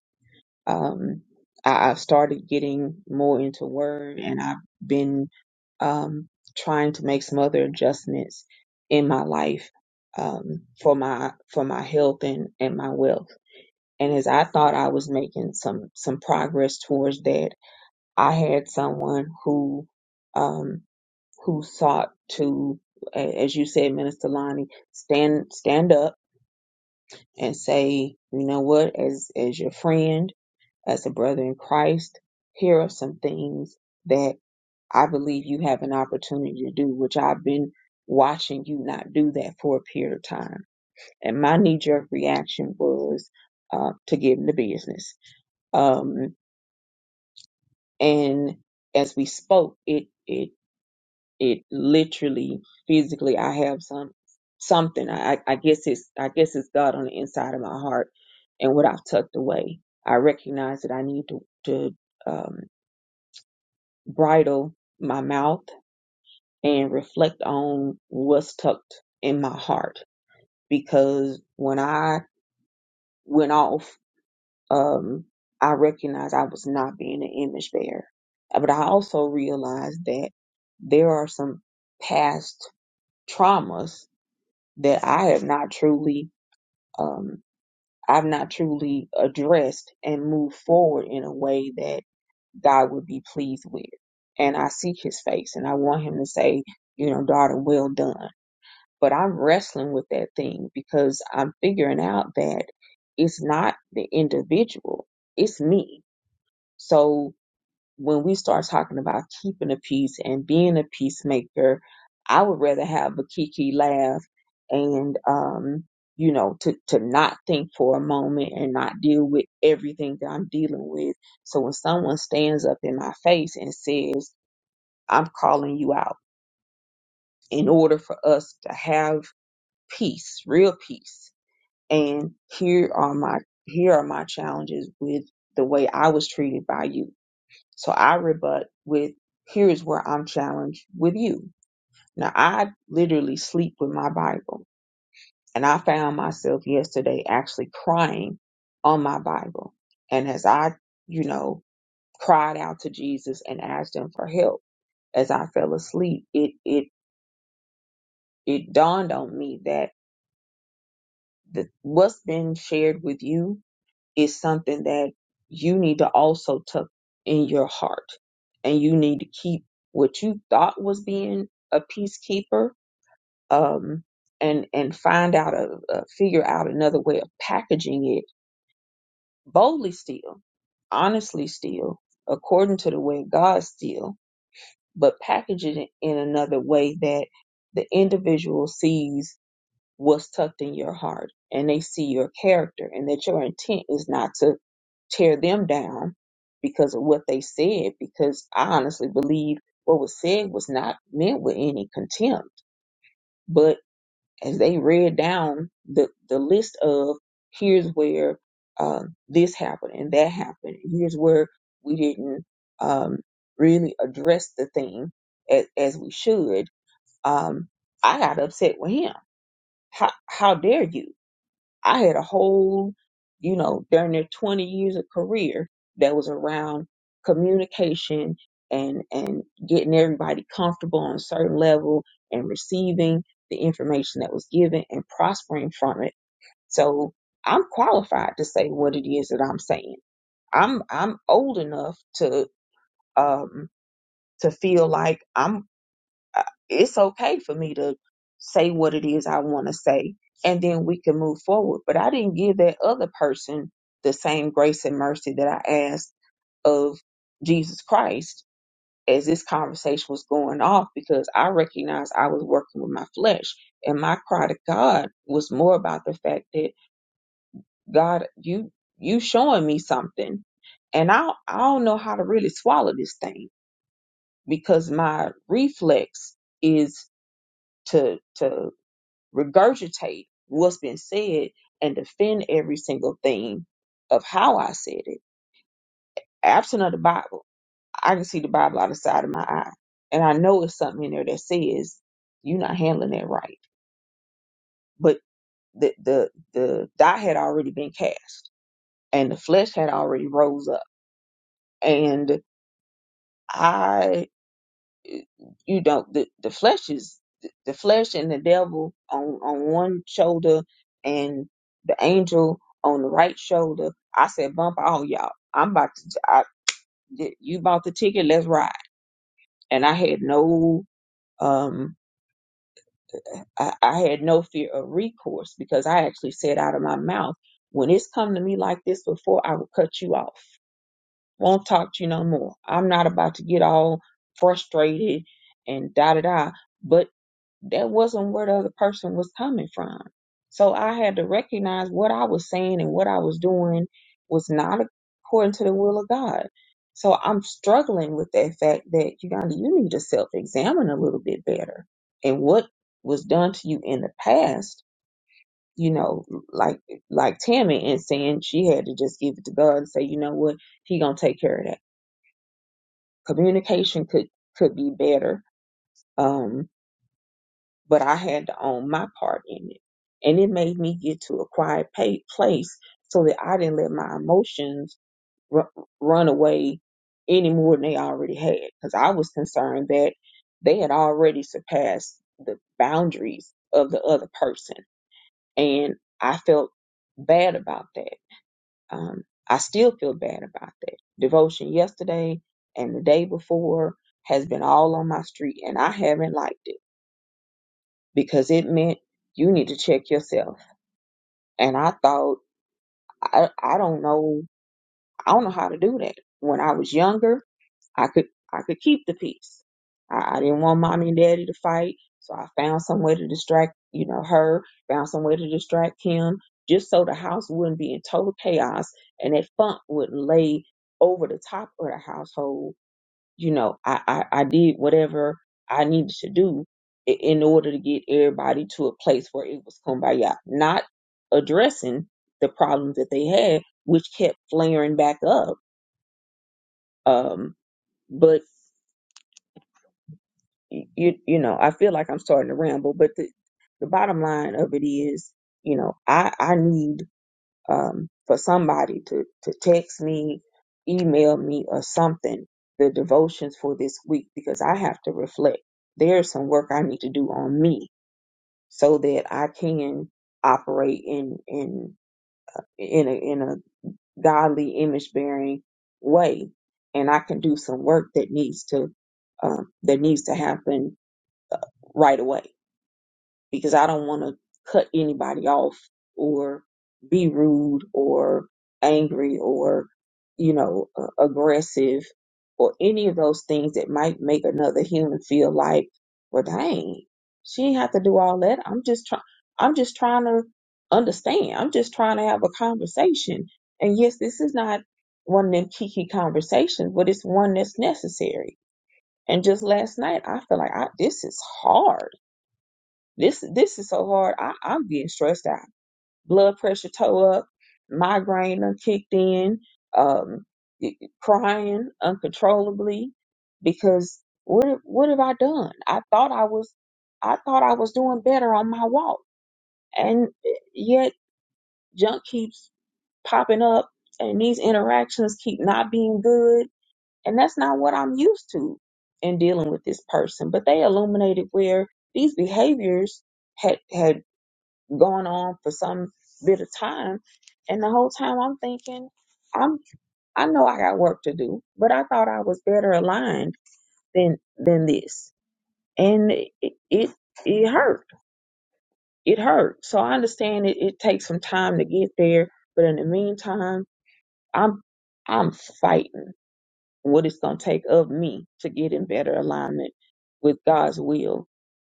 S8: Um, I, I've started getting more into word, and I've been um, trying to make some other adjustments in my life um, for my for my health and and my wealth. And as I thought I was making some some progress towards that, I had someone who um, who sought to, a- as you said, Minister Lonnie, stand stand up and say, you know what, as as your friend, as a brother in Christ, here are some things that I believe you have an opportunity to do, which I've been watching you not do that for a period of time. And my knee jerk reaction was uh, to give him the business. Um, and as we spoke, it it. it literally physically i have some something i i I guess it's i guess it's god on the inside of my heart and what i've tucked away i recognize that i need to to um bridle my mouth and reflect on what's tucked in my heart because when i went off um i recognized i was not being an image bearer but i also realized that there are some past traumas that I have not truly, um, I've not truly addressed and moved forward in a way that God would be pleased with. And I seek his face and I want him to say, you know, daughter, well done. But I'm wrestling with that thing because I'm figuring out that it's not the individual, it's me. So when we start talking about keeping the peace and being a peacemaker, I would rather have a kiki laugh and um you know to to not think for a moment and not deal with everything that I'm dealing with. So when someone stands up in my face and says, "I'm calling you out," in order for us to have peace, real peace, and here are my here are my challenges with the way I was treated by you so I rebut with here's where I'm challenged with you. Now I literally sleep with my Bible and I found myself yesterday actually crying on my Bible. And as I, you know, cried out to Jesus and asked him for help as I fell asleep, it it it dawned on me that the, what's been shared with you is something that you need to also tuck in your heart. And you need to keep what you thought was being a peacekeeper um, and, and find out, a, a, figure out another way of packaging it boldly still, honestly still, according to the way of God still, but package it in another way that the individual sees what's tucked in your heart and they see your character and that your intent is not to tear them down because of what they said because i honestly believe what was said was not meant with any contempt but as they read down the, the list of here's where uh, this happened and that happened here's where we didn't um, really address the thing as, as we should um, i got upset with him how, how dare you I had a whole, you know, during their 20 years of career that was around communication and and getting everybody comfortable on a certain level and receiving the information that was given and prospering from it. So I'm qualified to say what it is that I'm saying. I'm I'm old enough to um to feel like I'm uh, it's okay for me to say what it is I want to say, and then we can move forward. But I didn't give that other person the same grace and mercy that I asked of Jesus Christ as this conversation was going off because I recognized I was working with my flesh. And my cry to God was more about the fact that God, you you showing me something. And I I don't know how to really swallow this thing because my reflex is to to regurgitate what's been said and defend every single thing of how I said it. Absent of the Bible, I can see the Bible out the side of my eye. And I know it's something in there that says you're not handling that right. But the the the die had already been cast and the flesh had already rose up. And I. you don't the, the flesh is the flesh and the devil on on one shoulder and the angel on the right shoulder i said bump all y'all i'm about to I, you bought the ticket let's ride and i had no um I, I had no fear of recourse because i actually said out of my mouth when it's come to me like this before i will cut you off won't talk to you no more i'm not about to get all frustrated and da da da But that wasn't where the other person was coming from. So I had to recognize what I was saying and what I was doing was not according to the will of God. So I'm struggling with that fact that Uganda, you need to self examine a little bit better. And what was done to you in the past, you know, like like Tammy and saying she had to just give it to God and say, you know what, he gonna take care of that. Communication could could be better. Um, but I had to own my part in it. And it made me get to a quiet pa- place so that I didn't let my emotions ru run away any more than they already had. Because I was concerned that they had already surpassed the boundaries of the other person. And I felt bad about that. Um, I still feel bad about that. Devotion yesterday and the day before has been all on my street, and I haven't liked it because it meant you need to check yourself. And I thought, I, I don't know, I don't know how to do that. When I was younger, I could, I could keep the peace. I, I didn't want mommy and daddy to fight. So I found some way to distract, you know, her, found some way to distract him just so the house wouldn't be in total chaos and that funk wouldn't lay over the top of the household you know, I, I, I did whatever I needed to do i- in order to get everybody to a place where it was kumbaya, not addressing the problems that they had, which kept flaring back up. Um, but y- you, you know, I feel like I'm starting to ramble, but the, the bottom line of it is, you know, I, I need um, for somebody to, to text me, email me, or something, the devotions for this week, because I have to reflect. There's some work I need to do on me so that I can operate in in in a, in a godly image bearing way, and I can do some work that needs to um, that needs to happen right away because I don't want to cut anybody off or be rude or angry or, you know, uh, aggressive or any of those things that might make another human feel like, well, dang, she ain't have to do all that. I'm just trying, I'm just trying to understand. I'm just trying to have a conversation. And yes, this is not one of them kiki conversations, but it's one that's necessary. And just last night, I feel like I, this is hard this this is so hard. I, I'm getting stressed out. Blood pressure toe up, migraine done kicked in, um, y- y- crying uncontrollably because what what have I done? I thought I was I thought I was doing better on my walk, and yet junk keeps popping up, and these interactions keep not being good, and that's not what I'm used to in dealing with this person. But they illuminated where these behaviors had had going on for some bit of time. And the whole time I'm thinking, I'm I know I got work to do, but I thought I was better aligned than than this. And it it, it hurt. It hurt. So I understand it, it takes some time to get there, but in the meantime, I'm I'm fighting what it's gonna take of me to get in better alignment with God's will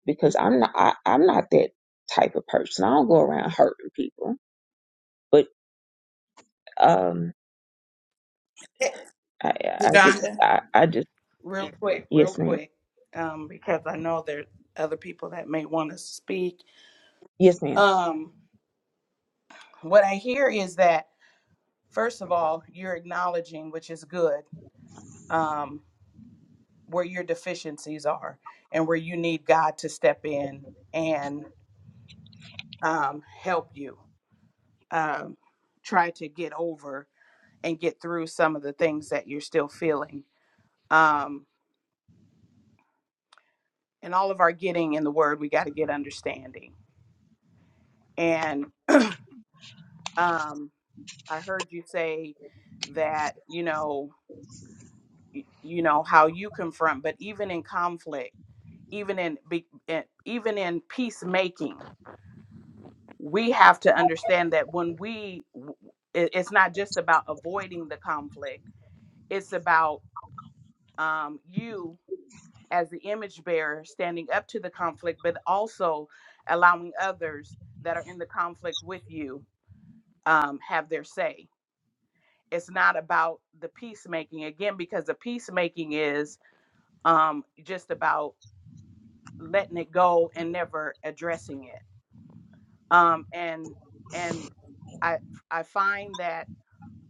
S8: because I'm not I, I'm not that type of person. I don't go around hurting people. But um I, I just,
S3: Uganda,
S8: I, I just,
S3: real quick, real
S8: yes, ma'am.
S3: quick, um, because I know there are other people that may want to speak.
S8: Yes, ma'am.
S3: Um, what I hear is that, first of all, you're acknowledging, which is good, um, where your deficiencies are and where you need God to step in and um, help you um, try to get over and get through some of the things that you're still feeling. Um, and all of our getting in the word, we got to get understanding. And um, I heard you say that, you know, y- you know how you confront, but even in conflict, even in be- in- even in peacemaking, we have to understand that when we w- it- it's not just about avoiding the conflict. It's about um, you as the image bearer standing up to the conflict, but also allowing others that are in the conflict with you um, have their say it's not about the peacemaking again because the peacemaking is um, just about letting it go and never addressing it um, and and i i find that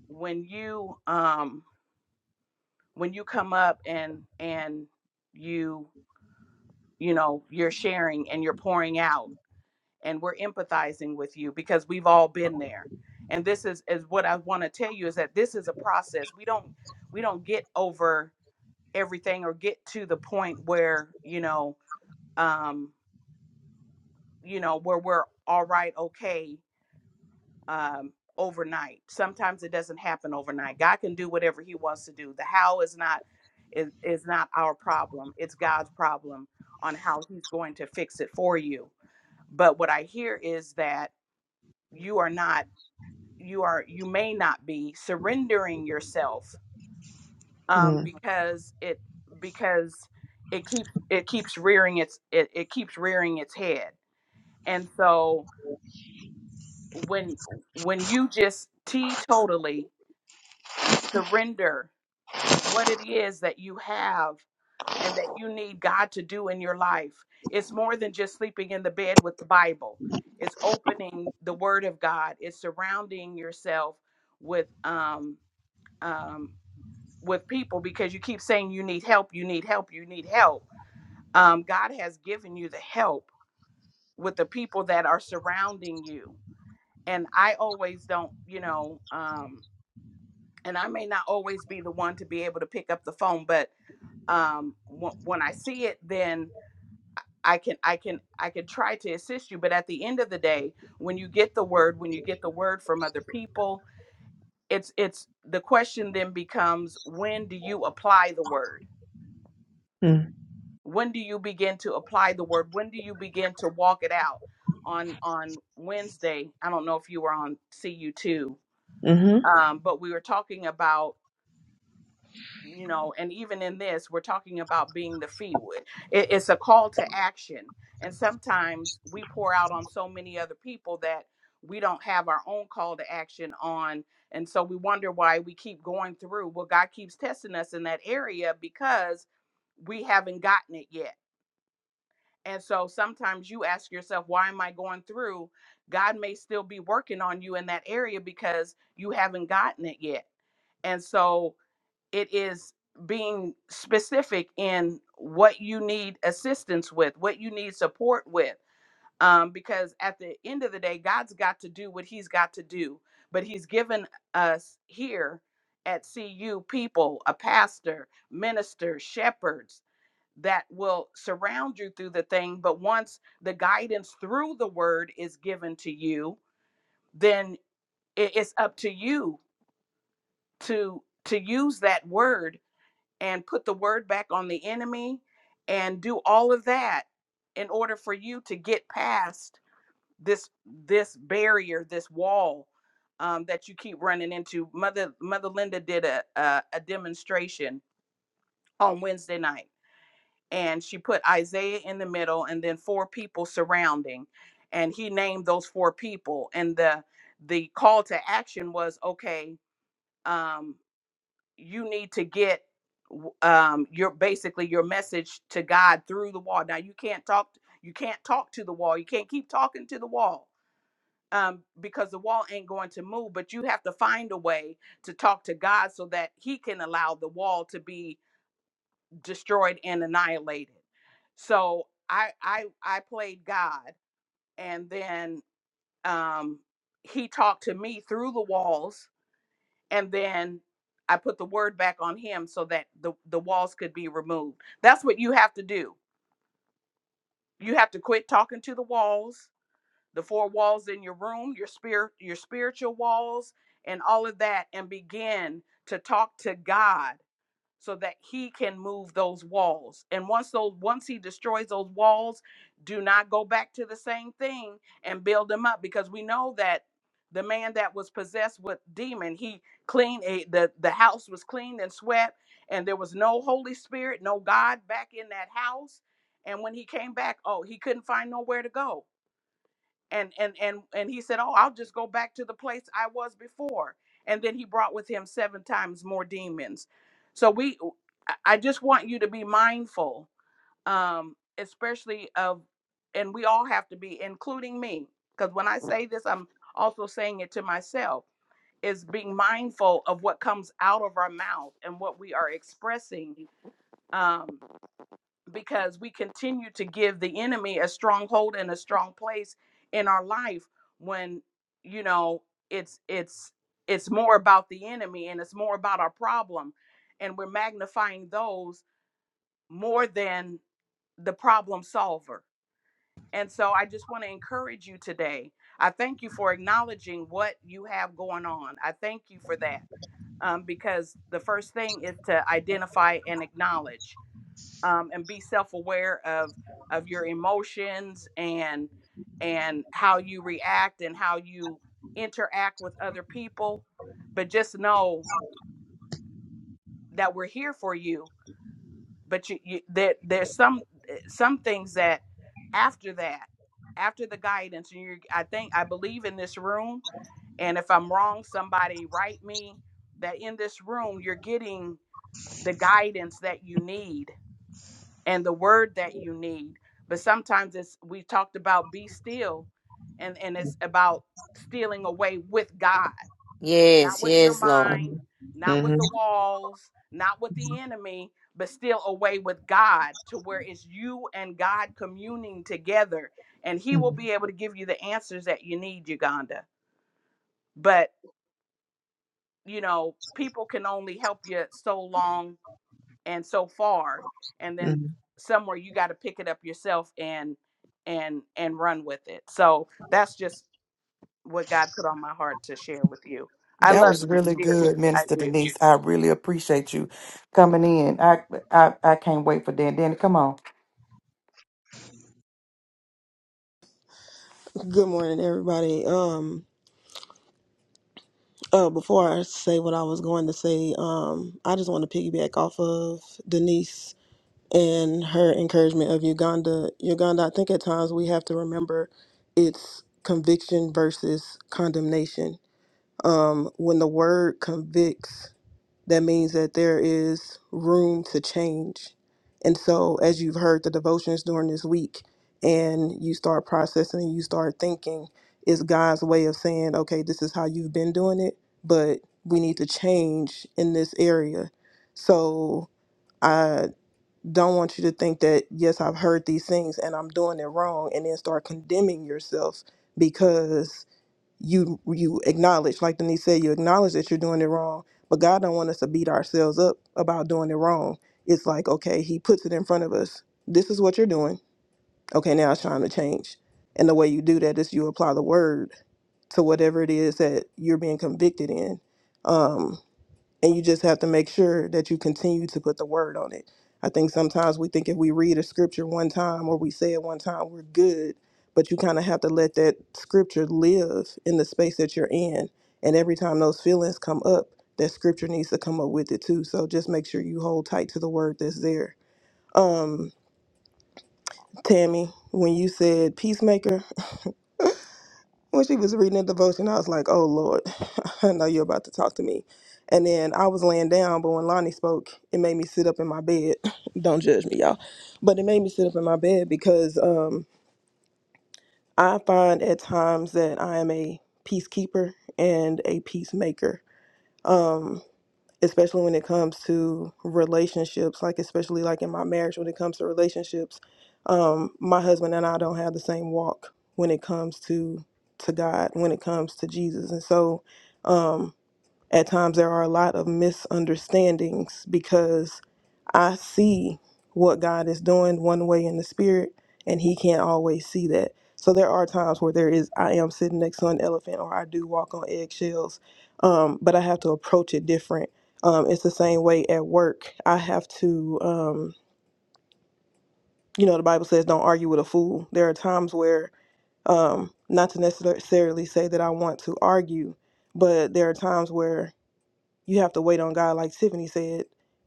S3: when you um when you come up and and you you know you're sharing and you're pouring out and we're empathizing with you because we've all been there and this is is what i want to tell you is that this is a process we don't we don't get over everything or get to the point where you know um you know where we're all right okay um overnight sometimes it doesn't happen overnight god can do whatever he wants to do the how is not is, is not our problem it's god's problem on how he's going to fix it for you but what i hear is that you are not you are you may not be surrendering yourself um,
S8: Mm,
S3: because it because it keeps it keeps rearing its it, it keeps rearing its head. And so when when you just teetotally surrender what it is that you have and that you need God to do in your life, it's more than just sleeping in the bed with the Bible. It's opening the Word of God. It's surrounding yourself with um, um, with people because you keep saying you need help, you need help, you need help um, God has given you the help with the people that are surrounding you. And I always don't, you know, um, and I may not always be the one to be able to pick up the phone, but um, w- when I see it, then I can, I can, I can try to assist you. But at the end of the day, when you get the word, when you get the word from other people, it's, it's the question then becomes, when do you apply the word?
S8: mm,
S3: when do you begin to apply the word when do you begin to walk it out on on wednesday i don't know if you were on cu2
S8: mm-hmm,
S3: um, but we were talking about you know and even in this we're talking about being the field it, it's a call to action and sometimes we pour out on so many other people that we don't have our own call to action on and so we wonder why we keep going through well god keeps testing us in that area because we haven't gotten it yet and so sometimes you ask yourself, why am I going through? God may still be working on you in that area because you haven't gotten it yet. And so it is being specific in what you need assistance with, what you need support with. Um, because at the end of the day, God's got to do what He's got to do. But He's given us here at CU people, a pastor, minister, shepherds, that will surround you through the thing. But once the guidance through the word is given to you, then i- it's up to you to to use that word and put the word back on the enemy and do all of that in order for you to get past this this barrier, this wall um, that you keep running into. Mother Mother Linda did a a, a demonstration on Wednesday night and she put Isaiah in the middle and then four people surrounding and he named those four people and the the call to action was okay um you need to get w- um your basically your message to God through the wall now you can't talk you can't talk to the wall you can't keep talking to the wall um because the wall ain't going to move but you have to find a way to talk to God so that he can allow the wall to be destroyed and annihilated. So I I I played God and then um he talked to me through the walls and then I put the word back on him so that the the walls could be removed. That's what you have to do. You have to quit talking to the walls, the four walls in your room, your spirit your spiritual walls and all of that and begin to talk to God so that he can move those walls. And once those once he destroys those walls, do not go back to the same thing and build them up because we know that the man that was possessed with demon, he cleaned a, the the house was cleaned and swept and there was no holy spirit, no God back in that house. And when he came back, oh, he couldn't find nowhere to go and and and and he said oh i'll just go back to the place i was before and then he brought with him seven times more demons so we i I just want you to be mindful um especially of and we all have to be including me because when i say this i'm also saying it to myself is being mindful of what comes out of our mouth and what we are expressing um because we continue to give the enemy a stronghold and a strong place in our life when you know it's it's it's more about the enemy and it's more about our problem and we're magnifying those more than the problem solver and so i just want to encourage you today i thank you for acknowledging what you have going on i thank you for that um, because the first thing is to identify and acknowledge um, and be self-aware of of your emotions and and how you react and how you interact with other people but just know that we're here for you but you, you there, there's some some things that after that after the guidance and you i think i believe in this room and if i'm wrong somebody write me that in this room you're getting the guidance that you need and the word that you need. But sometimes it's we talked about be still, and and it's about stealing away with God, not
S1: Yes,
S3: with your
S1: yes, Lord.
S3: mind, not with
S8: mm-hmm,
S3: the walls, not with the enemy, but still away with God to where it's you and God communing together, and He will
S8: mm-hmm.
S3: be able to give you the answers that you need, Uganda. But you know, people can only help you so long and so far and then somewhere you got to pick it up yourself and and and run with it so that's just what god put on my heart to share with you i
S7: That
S3: love
S7: was
S3: you
S7: really
S3: dearly
S7: good,
S3: i
S7: Minister
S3: do
S7: Denise. I really appreciate you coming in. I I, I can't wait for Dan. Danny, come on.
S9: Good morning, everybody. Um, oh, before I say what I was going to say, um, I just want to piggyback off of Denise and her encouragement of Uganda. Uganda, I think at times we have to remember it's conviction versus condemnation. Um, when the word convicts that means that there is room to change. And so, as you've heard the devotions during this week, and you start processing and you start thinking, it's God's way of saying, okay, this is how you've been doing it, but we need to change in this area. So, I don't want you to think that, yes, I've heard these things and I'm doing it wrong, and then start condemning yourself because you you acknowledge, like Denise said, you acknowledge that you're doing it wrong, but God don't want us to beat ourselves up about doing it wrong. It's like, okay, he puts it in front of us. This is what you're doing. Okay, now it's time to change. And the way you do that is you apply the word to whatever it is that you're being convicted in. Um, and you just have to make sure that you continue to put the word on it. I think sometimes we think if we read a scripture one time or we say it one time, we're good, but you kind of have to let that scripture live in the space that you're in. And every time those feelings come up, that scripture needs to come up with it too. So just make sure you hold tight to the word that's there. Um, Tammy, when you said peacemaker, when she was reading the devotion, I was like, "Oh Lord, I know you're about to talk to me." And then I was laying down, but when Lonnie spoke, it made me sit up in my bed. Don't judge me, y'all, but it made me sit up in my bed because um, I find at times that I am a peacekeeper and a peacemaker. Um, especially when it comes to relationships like especially like in my marriage when it comes to relationships um my husband and I don't have the same walk when it comes to to God when it comes to Jesus and so um, at times, there are a lot of misunderstandings because I see what God is doing one way in the spirit, and He can't always see that. So there are times where there is I am sitting next to an elephant, or I do walk on eggshells, um, but I have to approach it different. Um, it's the same way at work. I have to, um, you know, the Bible says, "Don't argue with a fool." There are times where, um, not to necessarily say that I want to argue, but there are times where you have to wait on God, like Tiffany said,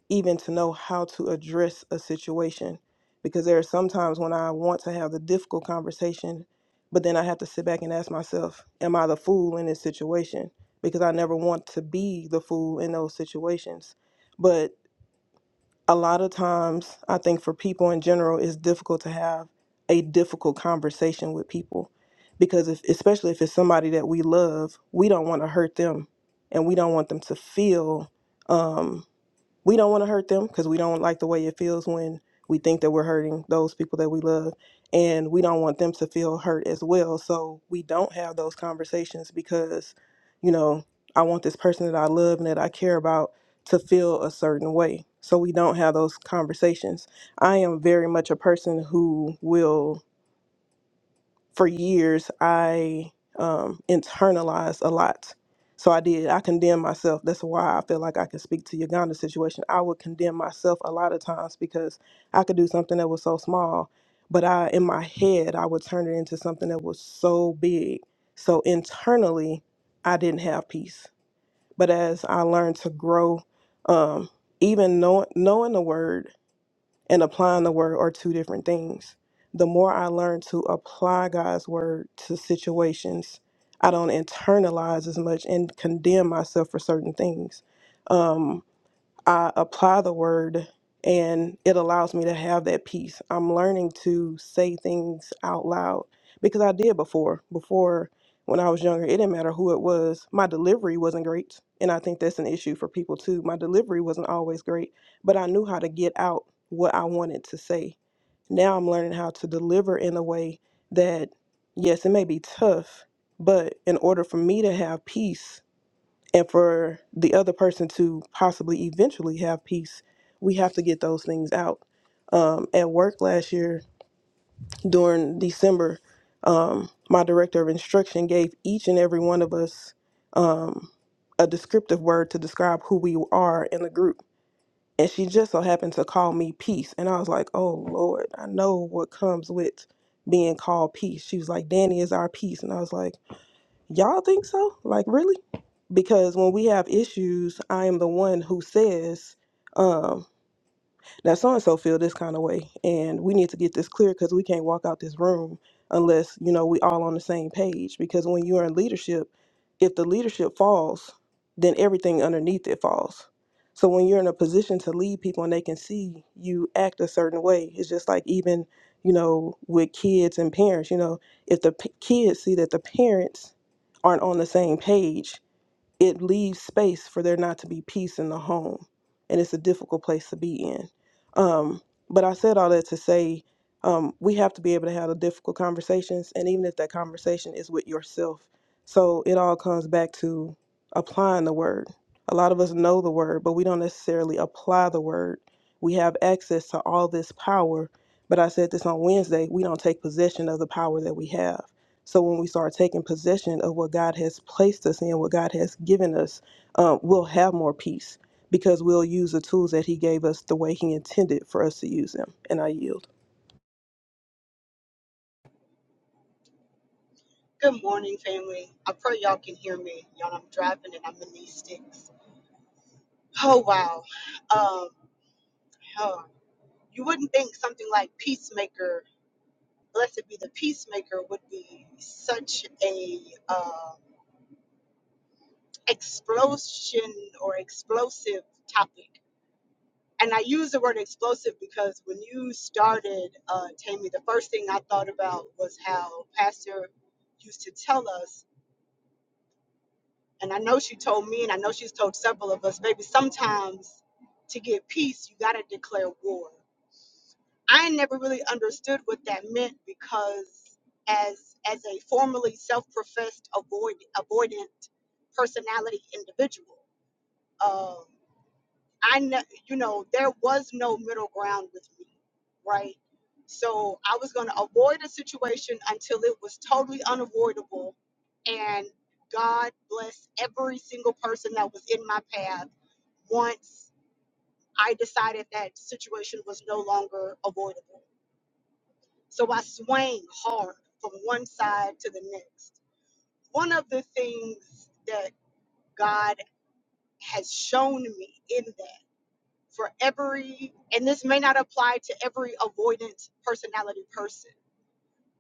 S9: even to know how to address a situation. Because there are some times when I want to have the difficult conversation, but then I have to sit back and ask myself, Am I the fool in this situation? Because I never want to be the fool in those situations. But a lot of times i think for people in general it's difficult to have a difficult conversation with people because if especially if it's somebody that we love we don't want to hurt them and we don't want them to feel um, we don't want to hurt them because we don't like the way it feels when we think that we're hurting those people that we love and we don't want them to feel hurt as well so we don't have those conversations because you know i want this person that i love and that i care about to feel a certain way so we don't have those conversations i am very much a person who will for years I um, internalized a lot. So I did. I condemned myself. That's why I feel like I can speak to Uganda situation. I would condemn myself a lot of times because I could do something that was so small, but I in my head I would turn it into something that was so big. So internally, I didn't have peace. But as I learned to grow, um, even know, knowing the word and applying the word are two different things. The more I learn to apply God's word to situations, I don't internalize as much and condemn myself for certain things. Um, I apply the word and it allows me to have that peace. I'm learning to say things out loud because I did before. Before, when I was younger, it didn't matter who it was. My delivery wasn't great. And I think that's an issue for people too. My delivery wasn't always great, but I knew how to get out what I wanted to say. Now I'm learning how to deliver in a way that, yes, it may be tough, but in order for me to have peace, and for the other person to possibly eventually have peace, we have to get those things out. Um, at work last year during December, um, my director of instruction gave each and every one of us um, a descriptive word to describe who we are in the group. And she just so happened to call me peace. And I was like, oh Lord, I know what comes with being called peace. She was like, Danny is our peace. And I was like, y'all think so? Like, really? because when we have issues, I am the one who says, um, now so and so feel this kind of way, and we need to get this clear because we can't walk out this room unless you know we all on the same page. Because when you are in leadership, if the leadership falls, then everything underneath it falls. So when you're in a position to lead people and they can see you act a certain way, it's just like even you know with kids and parents. You know, if the p- kids see that the parents aren't on the same page it leaves space for there not to be peace in the home and it's a difficult place to be in um, but i said all that to say um, we have to be able to have the difficult conversations and even if that conversation is with yourself so it all comes back to applying the word a lot of us know the word but we don't necessarily apply the word we have access to all this power but i said this on wednesday we don't take possession of the power that we have so when we start taking possession of what God has placed us in, what God has given us, um, we'll have more peace because we'll use the tools that He gave us the way He intended for us to use them. And I yield.
S10: Good morning, family. I pray y'all can hear me. Y'all, I'm driving and I'm in these sticks. Oh, wow. Um, huh. You wouldn't think something like Peacemaker, Blessed be the Peacemaker, would be such a uh, explosion or explosive topic. And I use the word explosive because when you started, uh, Tammy, the first thing I thought about was how Pastor used to tell us And I know she told me, and I know she's told several of us, baby, sometimes to get peace, you got to declare war. I never really understood what that meant because as as a formerly self-professed avoid, avoidant personality individual, um, I, kn- you know, there was no middle ground with me, right? So I was going to avoid a situation until it was totally unavoidable. And God bless every single person that was in my path once I decided that situation was no longer avoidable. So I swang hard from one side to the next. One of the things that God has shown me in that for every, and this may not apply to every avoidant personality person,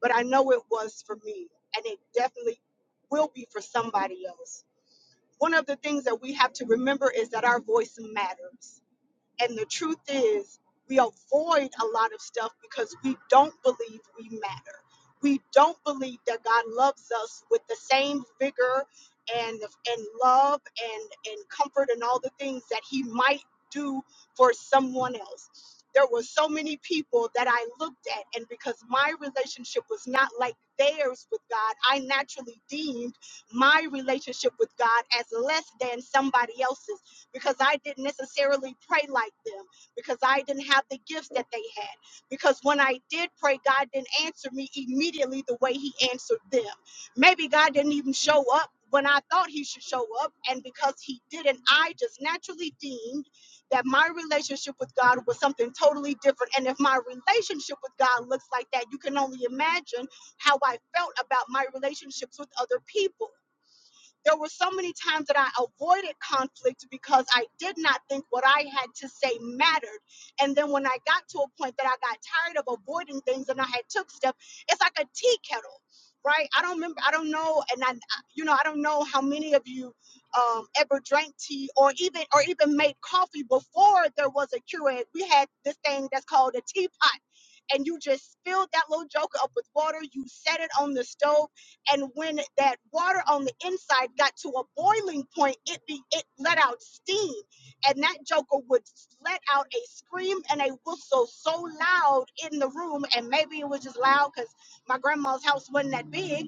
S10: but I know it was for me, and it definitely will be for somebody else. One of the things that we have to remember is that our voice matters. And the truth is, we avoid a lot of stuff because we don't believe we matter. We don't believe that God loves us with the same vigor and and love and and comfort and all the things that he might do for someone else. There were so many people that I looked at and because my relationship was not like theirs with God, I naturally deemed my relationship with God as less than somebody else's because I didn't necessarily pray like them, because I didn't have the gifts that they had. Because when I did pray, God didn't answer me immediately the way He answered them. Maybe God didn't even show up when I thought He should show up, and because He didn't, I just naturally deemed that my relationship with God was something totally different. And if my relationship with God looks like that, you can only imagine how I felt about my relationships with other people. There were so many times that I avoided conflict because I did not think what I had to say mattered. And then when I got to a point that I got tired of avoiding things and I had took steps, it's like a tea kettle, right? I don't remember, I don't know, and I, you know, I don't know how many of you um, ever drank tea or even or even made coffee before there was a Keurig. We had this thing that's called a teapot, and you just filled that little joker up with water. You set it on the stove and when that water on the inside got to a boiling point, it be, it let out steam, and that joker would let out a scream and a whistle so loud in the room, and maybe it was just loud because my grandma's house wasn't that big,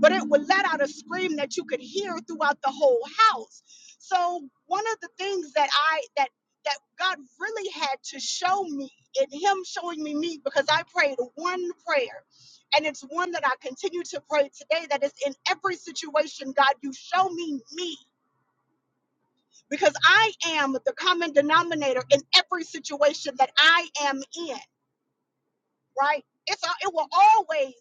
S10: but it would let out a scream that you could hear throughout the whole house. So one of the things that I that that God really had to show me, in Him showing me me, because I prayed one prayer and it's one that I continue to pray today that is in every situation, God, you show me me because I am the common denominator in every situation that I am in, right? It's a- it will always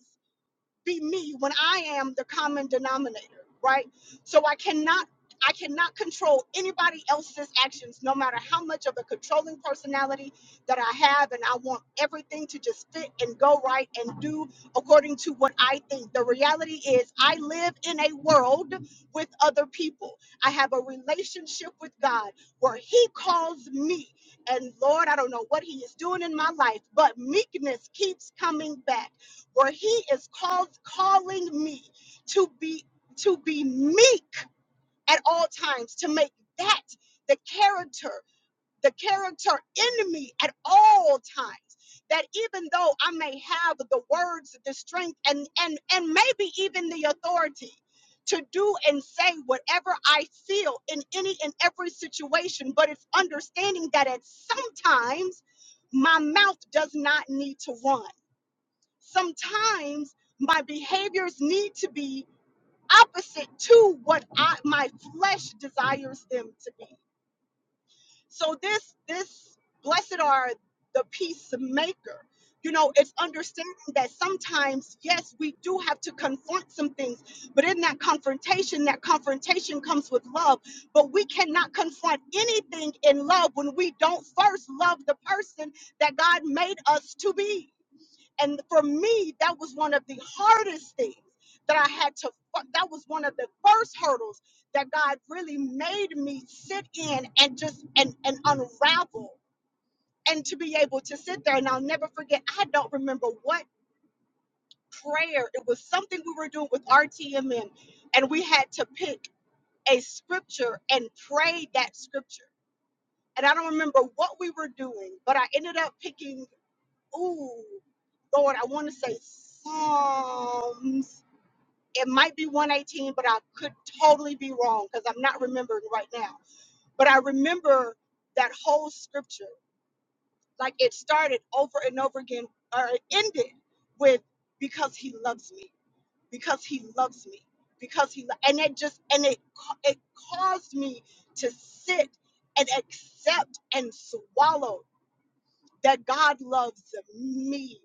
S10: be me when I am the common denominator, right? So I cannot I cannot control anybody else's actions, no matter how much of a controlling personality that I have, and I want everything to just fit and go right and do according to what I think. The reality is, I live in a world with other people. I have a relationship with God where He calls me. And Lord, I don't know what He is doing in my life, but meekness keeps coming back or he is called calling me to be to be meek at all times to make that the character the character in me at all times that even though i may have the words the strength and and and maybe even the authority to do and say whatever i feel in any and every situation but it's understanding that at sometimes my mouth does not need to run sometimes my behaviors need to be opposite to what I, my flesh desires them to be so this this blessed are the peacemaker you know it's understanding that sometimes yes we do have to confront some things but in that confrontation that confrontation comes with love but we cannot confront anything in love when we don't first love the person that god made us to be and for me, that was one of the hardest things that I had to, that was one of the first hurdles that God really made me sit in and just, and, and unravel and to be able to sit there. And I'll never forget, I don't remember what prayer, it was something we were doing with RTMN and we had to pick a scripture and pray that scripture. And I don't remember what we were doing, but I ended up picking Ooh, Lord, I want to say Psalms. It might be 118, but I could totally be wrong because I'm not remembering right now. But I remember that whole scripture. Like it started over and over again, or it ended with because he loves me, because he loves me, because he, lo-" and it just, and it, ca- it caused me to sit and accept and swallow that God loves me.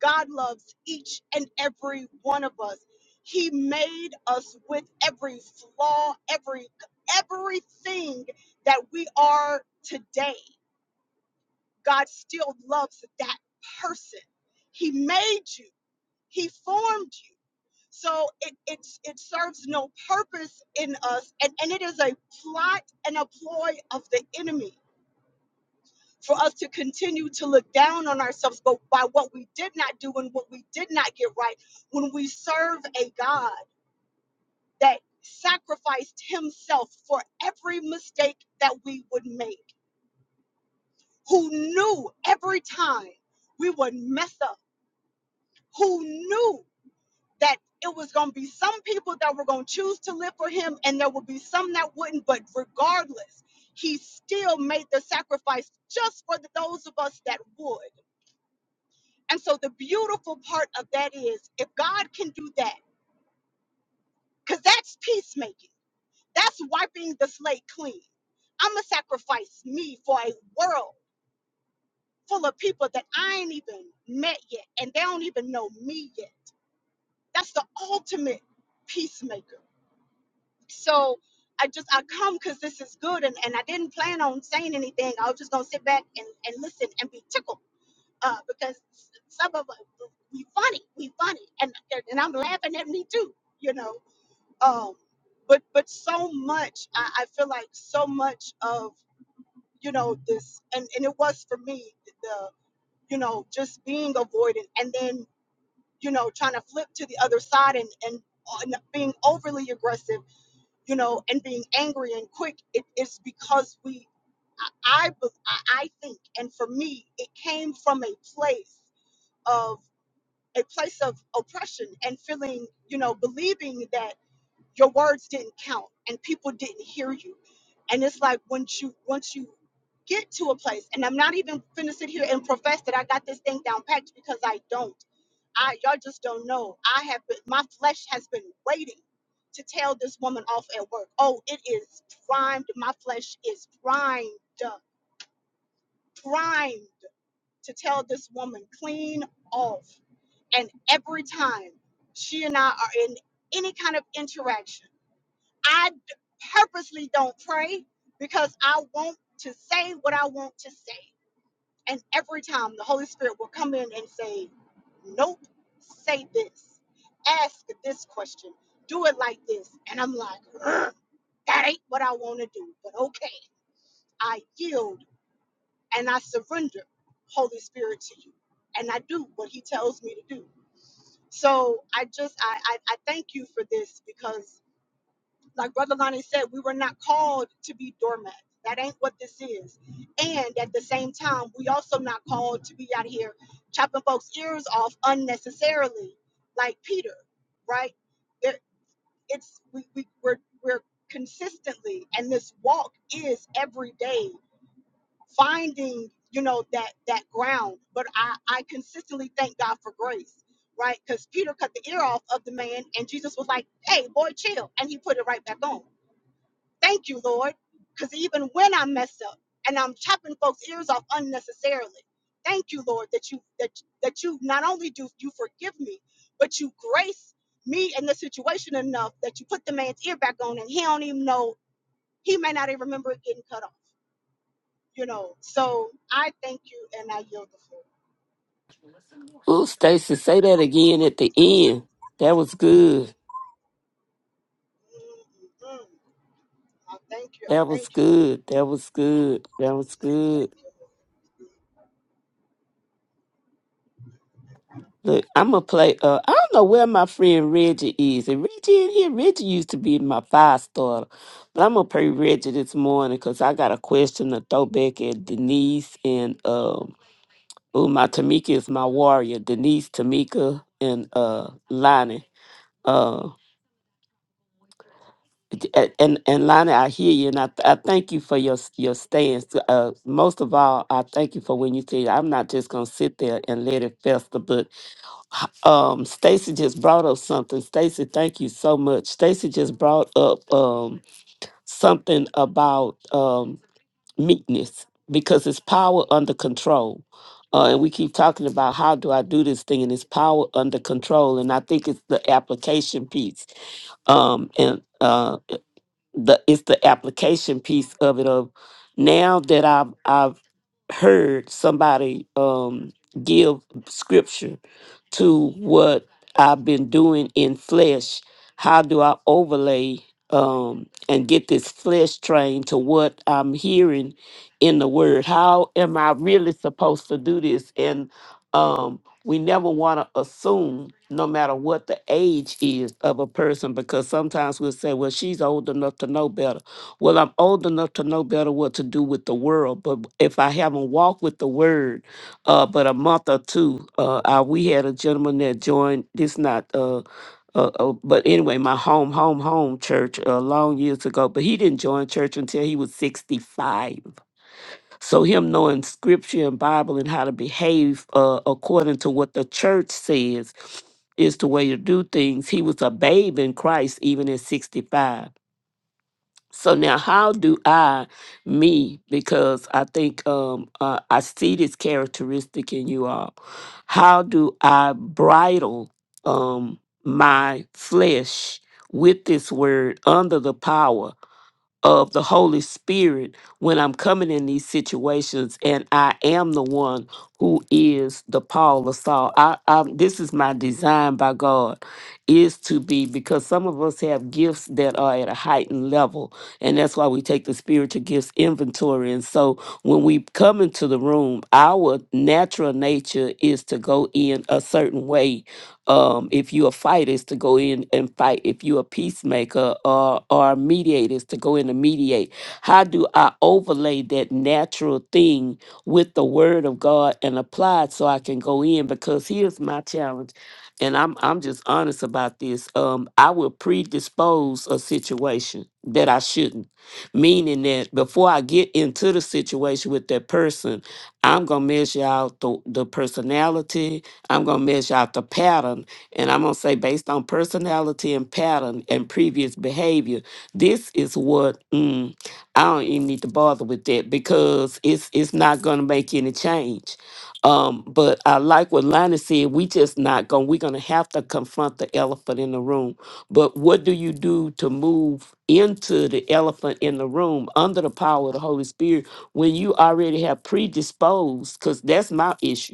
S10: God loves each and every one of us. He made us with every flaw, every everything that we are today. God still loves that person. He made you. He formed you. So it, it's, it serves no purpose in us, and, and it is a plot and a ploy of the enemy for us to continue to look down on ourselves but by what we did not do and what we did not get right when we serve a God that sacrificed himself for every mistake that we would make, who knew every time we would mess up, who knew that it was going to be some people that were going to choose to live for him and there would be some that wouldn't, but regardless, he still made the sacrifice just for those of us that would. And so the beautiful part of that is if God can do that, because that's peacemaking, that's wiping the slate clean. I'm going to sacrifice me for a world full of people that I ain't even met yet, and they don't even know me yet. That's the ultimate peacemaker. So I just, I come because this is good, and, and I didn't plan on saying anything. I was just going to sit back and, and listen and be tickled. uh, because s- some of us we funny, we funny, and and I'm laughing at me too, you know. Um, but but so much, I, I feel like so much of you know this, and and it was for me the you know just being avoidant, and then you know trying to flip to the other side and and. And being overly aggressive, you know, and being angry and quick, it, it's because we I, I be- I I think, and for me, it came from a place a place of oppression and feeling, you know, believing that your words didn't count and people didn't hear you. And it's like once you once you get to a place, and I'm not even gonna sit here and profess that I got this thing down packed because I don't. I y'all just don't know. I have been my flesh has been waiting to tell this woman off at work. Oh, it is primed. My flesh is primed, primed to tell this woman clean off and every time she and I are in any kind of interaction, I d- purposely don't pray because I want to say what I want to say. And every time the Holy Spirit will come in and say, Nope, say this, ask this question, do it like this. And I'm like, "Ugh, That ain't what I want to do. But okay, I yield and I surrender, Holy Spirit, to you. And I do what He tells me to do. So I just I, I I thank you for this because like Brother Lonnie said, we were not called to be doormats. That ain't what this is. And at the same time, we also not called to be out here chopping folks' ears off unnecessarily, like Peter, right? There it's we, we we're we're consistently and this walk is every day finding you know that that ground but i i consistently thank god for grace right because peter cut the ear off of the man and jesus was like hey boy chill and he put it right back on thank you lord because even when i mess up and i'm chopping folks ears off unnecessarily thank you lord that you that that you not only do you forgive me but you grace me in the situation enough that you put the man's ear back on and he don't even know he may not even remember it getting cut off you know, so I thank you and I yield the floor.
S11: Ooh, Stacy, say that again at the end. That was good.
S10: Mm-mm-mm. I thank you. I
S11: That was
S10: thank you, Lord.
S11: good. That was good. That was
S10: Thank
S11: good.
S10: you, Lord.
S11: Look, I'm gonna play. Uh, I don't know where my friend Reggie is. And Reggie in here. Reggie used to be my five starter, but I'm gonna play Reggie this morning because I got a question to throw back at Denise and um. Oh, my Tamika is my warrior. Denise, Tamika, and uh, Lonnie. Um, A- and and Lonnie, I hear you, and I th- I thank you for your s- your stance. Uh, most of all, I thank you for when you say I'm not just gonna sit there and let it fester. But um, Stacy just brought up something. Stacy, thank you so much. Stacy just brought up um something about um meekness because it's power under control. Uh, and we keep talking about how do I do this thing, and it's power under control. And I think it's the application piece. Um, and uh, the it's the application piece of it of now that I've I've heard somebody um give scripture to what I've been doing in flesh. How do I overlay um, and get this flesh trained to what I'm hearing in the word? How am I really supposed to do this? And um, we never want to assume, no matter what the age is of a person, because sometimes we'll say, well, she's old enough to know better. Well, I'm old enough to know better what to do with the world, but if I haven't walked with the word, uh, but a month or two. Uh, uh, we had a gentleman that joined. This not, uh, uh, uh, but anyway, my home, home, home church uh, long years ago. But he didn't join church until he was sixty-five. So him knowing scripture and Bible and how to behave uh, according to what the church says is the way to do things. He was a babe in Christ even at sixty-five. So now, how do I, me, because I think um, uh, I see this characteristic in you all, how do I bridle um, my flesh with this word under the power? of the Holy Spirit when I'm coming in these situations, and I am the one who is the Paul of Saul. I, I, this is my design by God, is to be because some of us have gifts that are at a heightened level, and that's why we take the spiritual gifts inventory. And so when we come into the room, our natural nature is to go in a certain way um, if you a fighter, is to go in and fight. If you a peacemaker or or a mediator, is to go in and mediate. How do I overlay that natural thing with the Word of God and apply it so I can go in? Because here's my challenge, and I'm I'm just honest about this. Um, I will predispose a situation that I shouldn't, meaning that before I get into the situation with that person, I'm gonna measure out the the personality. I'm going to measure out the pattern and I'm going to say, based on personality and pattern and previous behavior, this is what mm, I don't even need to bother with that because it's it's not going to make any change. Um, but I like what Lana said. We just not going. We're going to have to confront the elephant in the room. But what do you do to move into the elephant in the room under the power of the Holy Spirit when you already have predisposed? Because that's my issue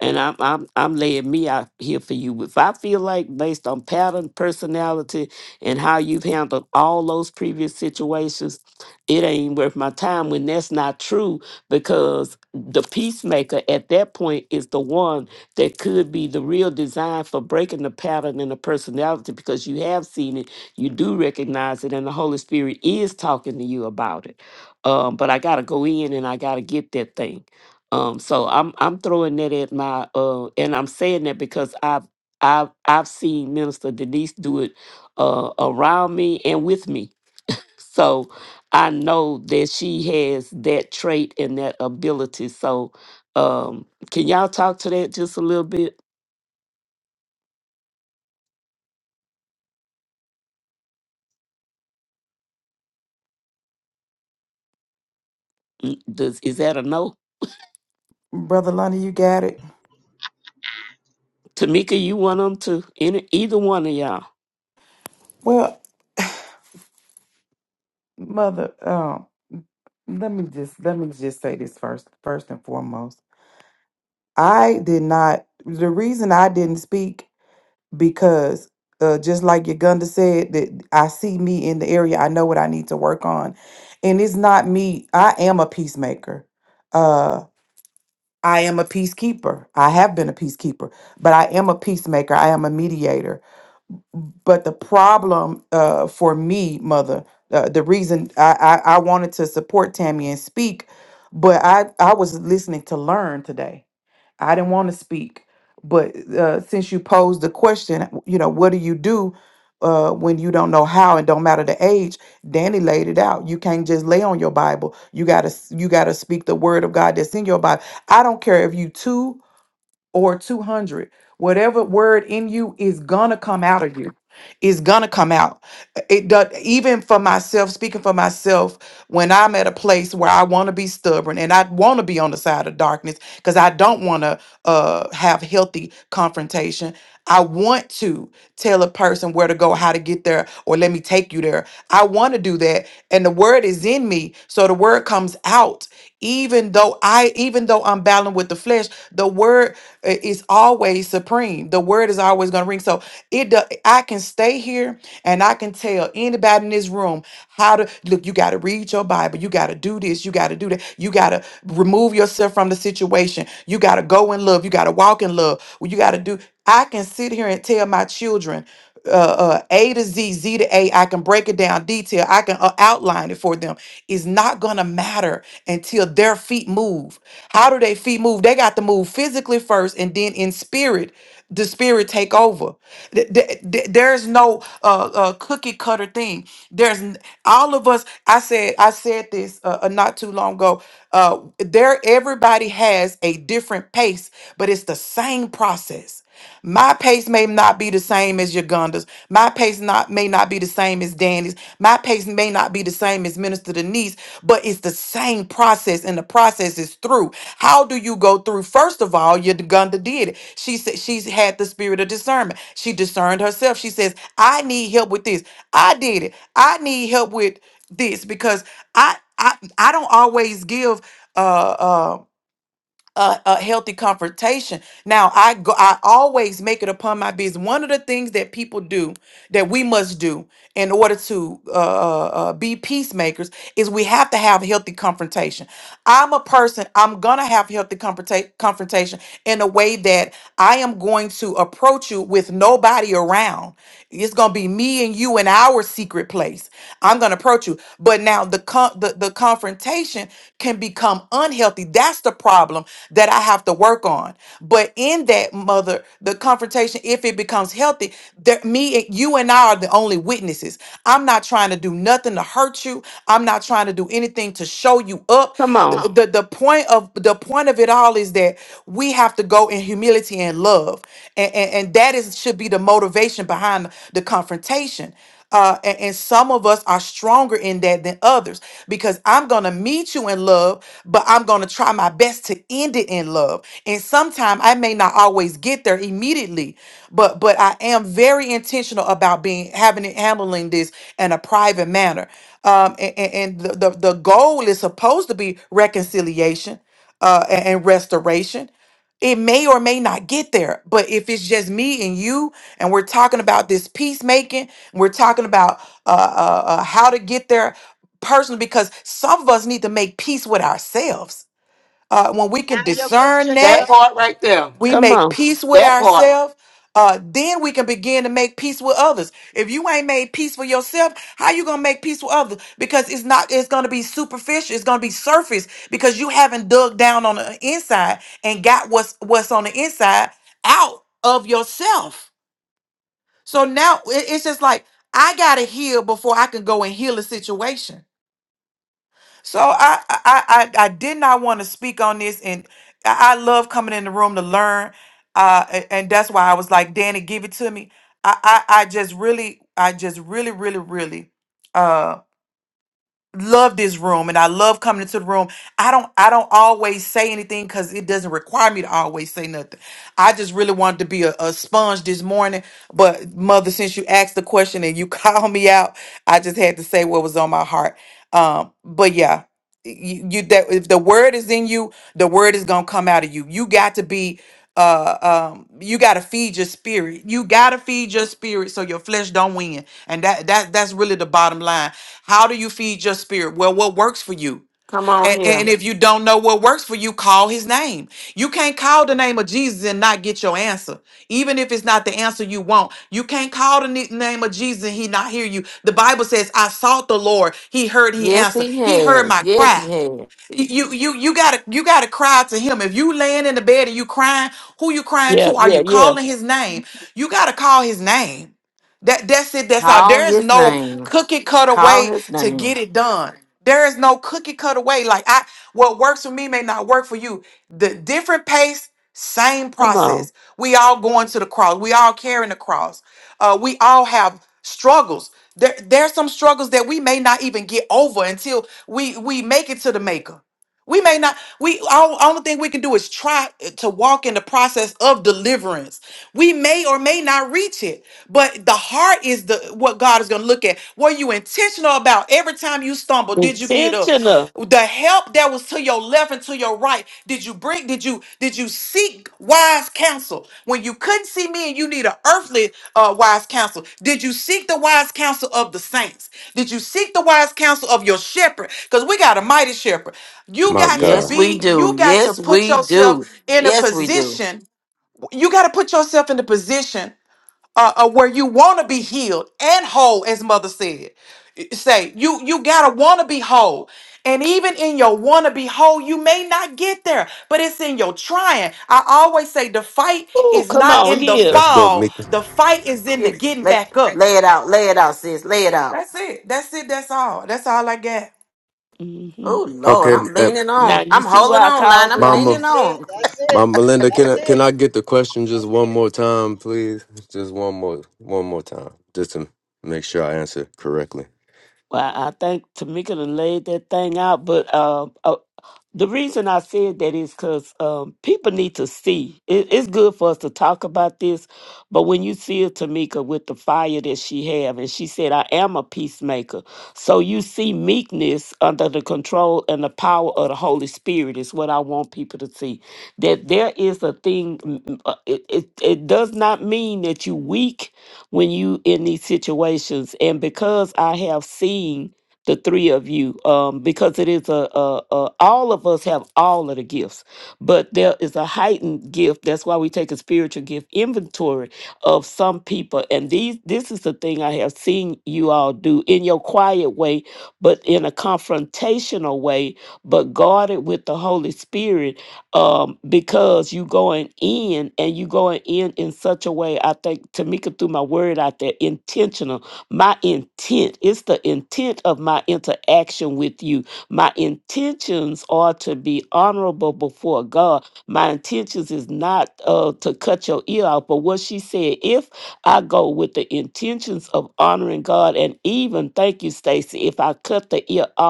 S11: and I'm I'm I'm laying me out here for you. If I feel like based on pattern, personality, and how you've handled all those previous situations, it ain't worth my time when that's not true because the peacemaker at that point is the one that could be the real design for breaking the pattern and the personality because you have seen it, you do recognize it, and the Holy Spirit is talking to you about it. Um, but I gotta go in and I gotta get that thing. Um, so I'm I'm throwing that at my uh, and I'm saying that because I've I've I've seen Minister Denise do it uh, around me and with me. So I know that she has that trait and that ability. So um, can y'all talk to that just a little bit? Mm, Does is that a no?
S7: Brother Lonnie, you got it.
S11: Tamika, you want them to any either one of y'all?
S7: Well, mother, um, let me just let me just say this first first and foremost. I did not the reason I didn't speak because uh, just like Uganda said, that I see me in the area, I know what I need to work on, and it's not me. I am a peacemaker. Uh, I am a peacekeeper. I have been a peacekeeper, but I am a peacemaker. I am a mediator. But the problem uh, for me, mother, uh, the reason I, I I wanted to support Tammy and speak, but I I was listening to learn today I didn't want to speak, but uh, since you posed the question, you know, what do you do uh, when you don't know how and don't matter the age? Danny laid it out. You can't just lay on your Bible. You gotta s- you gotta speak the word of God that's in your Bible. I don't care if you two or 200 whatever word in you is gonna come out of you is gonna come out it does even for myself speaking for myself when i'm at a place where i want to be stubborn and i want to be on the side of darkness because i don't want to uh have healthy confrontation I want to tell a person where to go, how to get there, or let me take you there. I want to do that. And the word is in me. So the word comes out. Even though I, even though I'm battling with the flesh, the word uh, is always supreme. The word is always going to ring. So it, do- I can stay here and I can tell anybody in this room how to look. You got to read your Bible. You got to do this. You got to do that. You got to remove yourself from the situation. You got to go in love. You got to walk walk in love. Well, you got to do. I can sit here and tell my children uh, uh, A to Z, Z to A. I can break it down detail. I can uh, outline it for them. It's not gonna matter until their feet move. How do they feet move? They got to move physically first, and then in spirit the spirit take over Th- th- th- there's no uh, uh cookie cutter thing there's n- all of us i said i said this uh, uh, not too long ago uh there everybody has a different pace but it's the same process my pace may not be the same as uganda's my pace not may not be the same as Janice. My pace may not be the same as Minister Denise, but it's the same process, and the process is through. How do you go through? First of all, Uganda did it. She said she's had the spirit of discernment. She discerned herself. She says, I need help with this. I did it. I need help with this because I I I don't always give Uh, uh, a, a healthy confrontation. Now, I go, I always make it upon my business. One of the things that people do that we must do in order to uh, uh, uh, be peacemakers is we have to have healthy confrontation. I'm a person. I'm gonna have healthy confronta- confrontation in a way that I am going to approach you with nobody around. It's gonna be me and you in our secret place. I'm gonna approach you, but now the con- the the confrontation confrontation can become unhealthy. That's the problem that I have to work on. But in that mother, the confrontation, if it becomes healthy, that me, and you, and I are the only witnesses. I'm not trying to do nothing to hurt you. I'm not trying to do anything to show you up.
S11: Come
S7: Come The,
S11: on,
S7: on. the, the point of the point of it all is that we have to go in humility and love, and and, and that is should be the motivation behind the confrontation. Uh, a- and, some of us are stronger in that than others because I'm going to meet you in love, but I'm going to try my best to end it in love. And sometimes I may not always get there immediately, but but I am very intentional about being having it handling this in a private manner. Um, a- a- and, the, the the goal is supposed to be reconciliation uh, a- and restoration it may or may not get there. But if it's just me and you, and we're talking about this peacemaking, we're talking about uh, uh, uh, how to get there personally because some of us need to make peace with ourselves. Uh, when we can
S10: Now you're
S7: discern
S10: preaching,
S1: That
S10: God.
S7: that,
S1: part right there.
S7: we
S11: come
S7: make
S11: on,
S7: peace with
S1: That part.
S7: ourselves. Uh, then we can begin to make peace with others. If you ain't made peace for yourself, how you gonna make peace with others? Because it's not. It's gonna be superficial. It's gonna be surface because you haven't dug down on the inside and got what's what's on the inside out of yourself so now it- it's just like I gotta heal before I can go and heal a situation. So I I I, I did not want to speak on this, and I I love coming in the room to learn, uh, a- and that's why I was like, Danny, give it to me. I I, I just really I just really really really uh, love this room and I love coming into the room. I don't I don't always say anything because it doesn't require me to always say nothing. I just really wanted to be a, a sponge this morning. But mother, since you asked the question and you called me out, I just had to say what was on my heart. Um, but yeah you, you that if the word is in you, the word is gonna come out of you. You got to be uh um you gotta feed your spirit. You gotta feed your spirit so your flesh don't win. And that that that's really the bottom line. How do you feed your spirit? Well, what works for you?
S1: Come on
S7: And,
S1: here.
S7: and if you don't know what works for you, call his name. You can't call the name of Jesus and not get your answer. Even if it's not the answer you want, you can't call the ni- name of Jesus and he not hear you. The Bible says, I sought the Lord. He heard, he
S1: Yes,
S7: answered.
S1: he
S7: He heard
S1: has.
S7: my
S1: Yes,
S7: cry.
S1: he has.
S7: You you you gotta you gotta cry to him. If you laying in the bed and you crying, who you crying
S11: yeah,
S7: to? Are
S11: yeah,
S7: you
S11: yeah.
S7: calling his name? You gotta call his name. That that's it. That's all.
S1: Call
S7: There is
S1: his
S7: no
S1: name.
S7: cookie cutter
S1: Call
S7: way
S1: his
S7: to get
S1: name.
S7: it done. There is no cookie cutter way. Like I, what works for me may not work for you. The different pace, same
S11: Come on,
S7: process. We all going to the cross. We all carrying the cross. Uh, we all have struggles. There, there's some struggles that we may not even get over until we we make it to the maker. We may not. We all only thing we can do is try to walk in the process of deliverance. We may or may not reach it, but the heart is the what God is going to look at. Were you intentional about every time you stumble? Did you get up?
S11: intentional.
S7: The help that was to your left and to your right. Did you bring? Like, Did you did you seek wise counsel when you couldn't see me and you need an earthly uh, wise counsel? Did you seek the wise counsel of the saints? Did you seek the wise counsel of your shepherd? Because we got a mighty shepherd. You
S6: My
S7: got to
S1: Yes,
S6: God.
S1: we
S7: be.
S1: do.
S7: You got to
S1: Yes,
S7: put
S1: we do.
S7: yourself in a
S1: Yes, we do.
S7: position. You got to put yourself in the position uh, uh, where you want to be healed and whole, as Mother said. I- Say you you gotta want to be whole, and even in your want to be whole, you may not get there, but it's in your trying. I always say the fight
S11: Ooh,
S7: is
S11: come
S7: not
S11: on
S7: in the
S11: here.
S6: Let's go,
S7: fall;
S6: Mika.
S7: the fight is in the
S1: Get,
S7: getting
S1: lay,
S7: back up.
S1: lay it out. Lay it out, sis. Lay it out.
S7: That's it. That's it. That's all. That's all I got.
S11: Mm-hmm.
S1: Oh, Lord.
S6: Okay,
S1: I'm
S6: uh,
S1: leaning on.
S11: Now you
S1: I'm
S11: see
S1: holding
S11: why I
S1: on, line.
S11: called
S1: I'm
S11: it out.
S6: Mama.
S1: leaning
S10: That's it.
S1: on.
S10: That's it.
S6: Mom Melinda, can
S10: That's
S6: I can
S10: it.
S6: I get the question just
S10: That's
S6: one
S10: it.
S6: more time, please? Just one more one more time. Just to make sure I answer correctly.
S11: Well, I think Tamika done laid that thing out, but uh, uh, the reason I said that is because um, people need to see. It, it's good for us to talk about this, but when you see a Tamika with the fire that she have, and she said, "I am a peacemaker," so you see meekness under the control and the power of the Holy Spirit is what I want people to see. That there is a thing. mm, mm, uh, It it, it does not mean that you weak when you in these situations. And because I have seen the three of you, um, because it is a, a, a all of us have all of the gifts, but there is a heightened gift. That's why we take a spiritual gift inventory of some people. And these this is the thing I have seen you all do in your quiet way, but in a confrontational way, but guarded with the Holy Spirit um, because you going in and you going in in such a way. I think Tamika threw my word out there, intentional. My intent, it's the intent of my interaction with you. My intentions are to be honorable before God. My intentions is not uh, to cut your ear out, but what she said, if I go with the intentions of honoring God, and even thank you, Stacy, if I cut the ear off,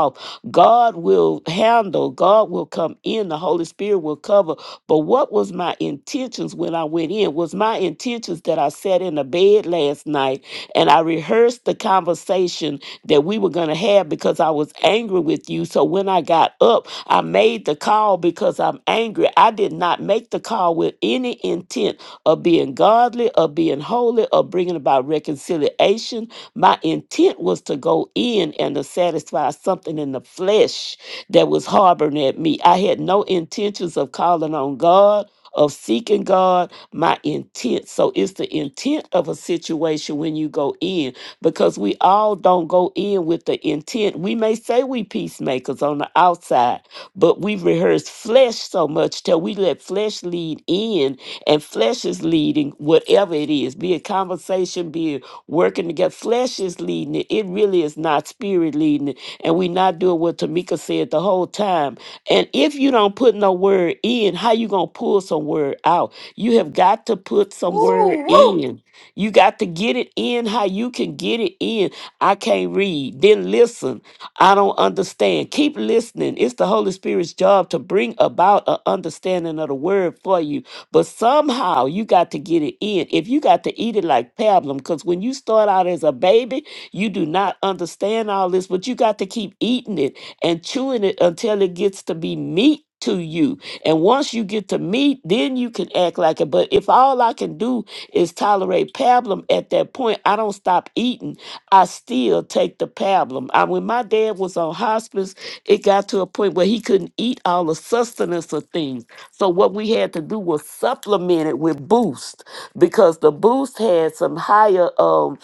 S11: God will handle, God will come in, the Holy Spirit will cover. But what was my intentions when I went in? Was my intentions that I sat in the bed last night and I rehearsed the conversation that we were going to have because I was angry with you. So when I got up, I made the call because I'm angry. I did not make the call with any intent of being godly, of being holy, of bringing about reconciliation my intent was to go in and to satisfy something in the flesh that was harboring at me. I had no intentions of calling on God. Of seeking God, my intent. So it's the intent of a situation when you go in because we all don't go in with the intent. We may say we peacemakers on the outside, but we rehearse flesh so much till we let flesh lead in, and flesh is leading whatever it is, be it conversation, be it working together. Flesh is leading it. It really is not spirit leading it. And we not doing what Tamika said the whole time. And if you don't put no word in, how you gonna pull some word out? You have got to put some word
S1: Woo, woo.
S11: in. You got to get it in how you can get it in. I can't read. Then listen. I don't understand. Keep listening. It's the Holy Spirit's job to bring about an understanding of the word for you but somehow you got to get it in. If you got to eat it like pablum, because when you start out as a baby, you do not understand all this, but you got to keep eating it and chewing it until it gets to be meat to you. And once you get to meat, then you can act like it. But if all I can do is tolerate pablum at that point, I don't stop eating. I still take the pablum. I, when my dad was on hospice, it got to a point where he couldn't eat all the sustenance of things. So what we had to do was supplement it with Boost because the Boost had some higher um,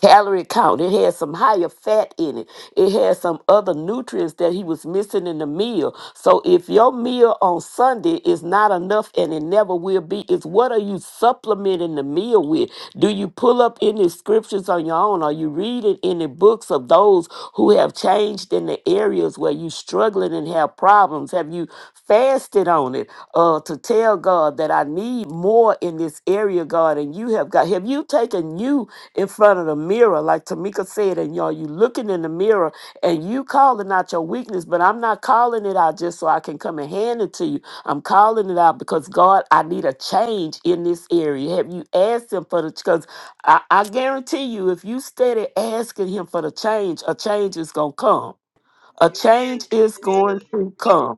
S11: calorie count. It had some higher fat in it. It had some other nutrients that he was missing in the meal. So if your meal on Sunday is not enough and it never will be, is what are you supplementing the meal with? Do you pull up any scriptures on your own? Are you reading any books of those who have changed in the areas where you're struggling and have problems? Have you you fasted on it uh, to tell God that I need more in this area, God. And you have got, have you taken you in front of the mirror, like Tamika said, and y'all, you looking in the mirror and you calling out your weakness, but I'm not calling it out just so I can come and hand it to you. I'm calling it out because God, I need a change in this area. Have you asked Him for the, because I, I guarantee you, if you steady asking Him for the change, a change is going to come. A change
S10: Amen.
S11: is
S10: Amen.
S11: going to come.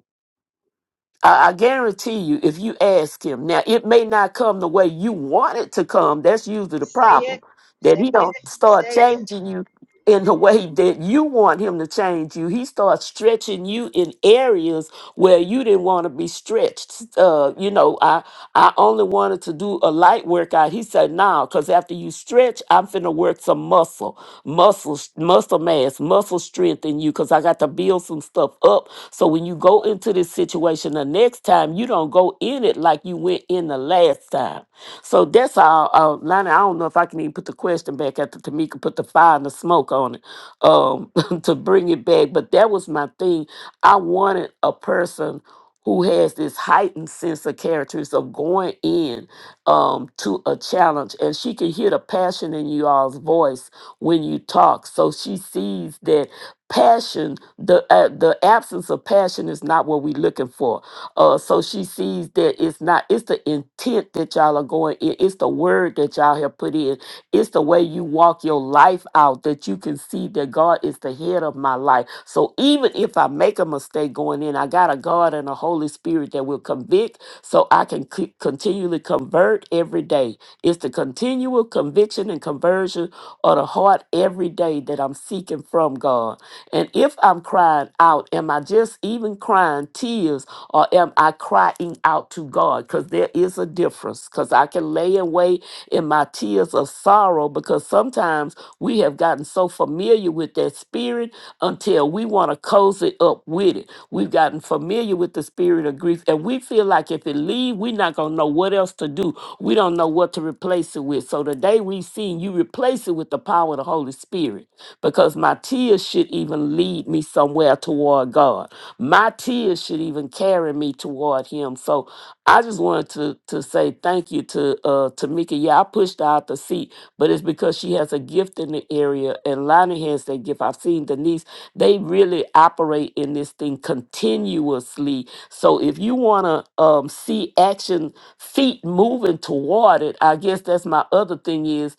S11: I, I guarantee you, if you ask him now, it may not come the way you want it to come. That's usually the
S10: Say it.
S11: problem that
S10: Say
S11: he
S10: it.
S11: don't start
S10: Say it.
S11: changing you in the way that you want him to change you. He starts stretching you in areas where you didn't want to be stretched. Uh, you know, I I only wanted to do a light workout. He said, no, because after you stretch, I'm finna work some muscle, muscle, s- muscle mass, muscle strength in you, because I got to build some stuff up. So when you go into this situation the next time, you don't go in it like you went in the last time. So that's all, uh, Lonnie. I don't know if I can even put the question back after Tamika put the fire and the smoke on it um, to bring it back. But that was my thing. I wanted a person who has this heightened sense of characters of going in um, to a challenge. And she can hear the passion in you all's voice when you talk. So she sees that passion, the, uh, the absence of passion is not what we're looking for. Uh, so she sees that it's not, it's the intent that y'all are going in, it's the word that y'all have put in it's the way you walk your life out that you can see that God is the head of my life. So even if I make a mistake going in, I got a God and a Holy Spirit that will convict so I can c- continually convert every day. It's the continual conviction and conversion of the heart every day that I'm seeking from God. And if I'm crying out, am I just even crying tears or am I crying out to God? Because there is a difference. Because I can lay in wait in my tears of sorrow because sometimes. We have gotten so familiar with that spirit until we want to cozy up with it. We've gotten familiar with the spirit of grief, and we feel like if it leave, we're not gonna know what else to do. We don't know what to replace it with. So today we've seen you replace it with the power of the Holy Spirit, because my tears should even lead me somewhere toward God. My tears should even carry me toward Him. So I just wanted to to say thank you to uh to Mika. Yeah, I pushed her out the seat but it's because she has a gift in the area and Lonnie has that gift. I've seen Denise, they really operate in this thing continuously. So if you want to um, see action, feet moving toward it, I guess that's my other thing is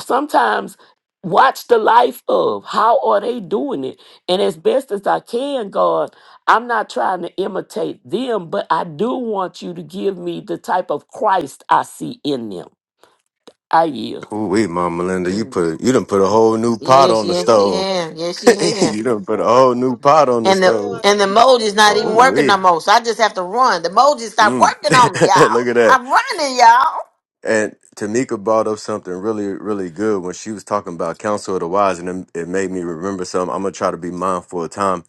S11: sometimes watch the life of how are they doing it and as best as i can god i'm not trying to imitate them but i do want you to give me the type of christ i see in them i yield
S6: Ooh wait, Mom Melinda, you put you done
S10: That's
S6: put a whole new
S10: good.
S6: pot
S1: Yes,
S6: on the
S1: yes, he
S6: stove.
S10: Beautiful.
S1: had. Yes, he had.
S6: you
S10: That's
S6: done put a
S10: good.
S6: whole new pot
S10: That's
S6: on the
S1: And the
S6: stove.
S10: good.
S1: and the mold is
S10: That's
S1: not
S6: Uh,
S1: even
S10: good.
S6: ooh
S1: working no
S6: wee.
S1: more. So I just have to run. The mold just stopped
S6: Mm.
S1: working on me, y'all.
S6: Look at that.
S1: I'm running, y'all.
S6: And Tamika brought up something really, really good when she was talking about counsel of the wise, and it, it made me remember something. I'm gonna try to be mindful of time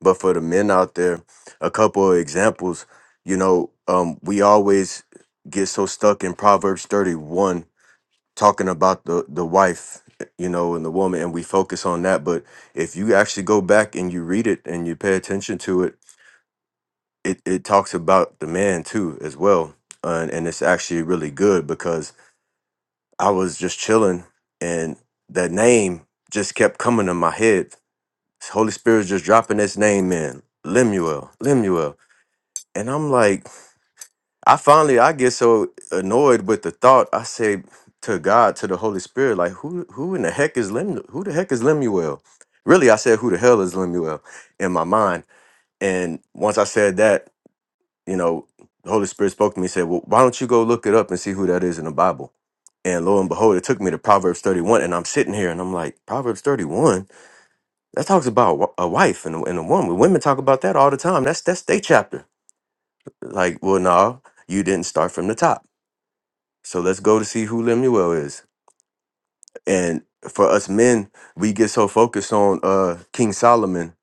S6: But for the men out there, a couple of examples, you know, um, we always get so stuck in Proverbs 31 talking about the the wife, you know, and the woman, and we focus on that. But if you actually go back and you read it and you pay attention to it, it, it talks about the man too as well. And, and it's actually really good because I was just chilling and that name just kept coming to my head. Holy Spirit was just dropping this name in. Lemuel, Lemuel. And I'm like, I finally I get so annoyed with the thought. I say to God, to the Holy Spirit, like who who in the heck is Lemuel? Who the heck is Lemuel? Really, I said, who the hell is Lemuel in my mind? And once I said that, you know, the Holy Spirit spoke to me and said, Well, why don't you go look it up and see who that is in the Bible? And lo and behold, it took me to Proverbs 31. And I'm sitting here and I'm like, Proverbs 31? That talks about a wife and a, and a woman. Women talk about that all the time. That's that's their chapter. Like, well, no, you didn't start from the top. So let's go to see who Lemuel is. And for us men, we get so focused on uh King Solomon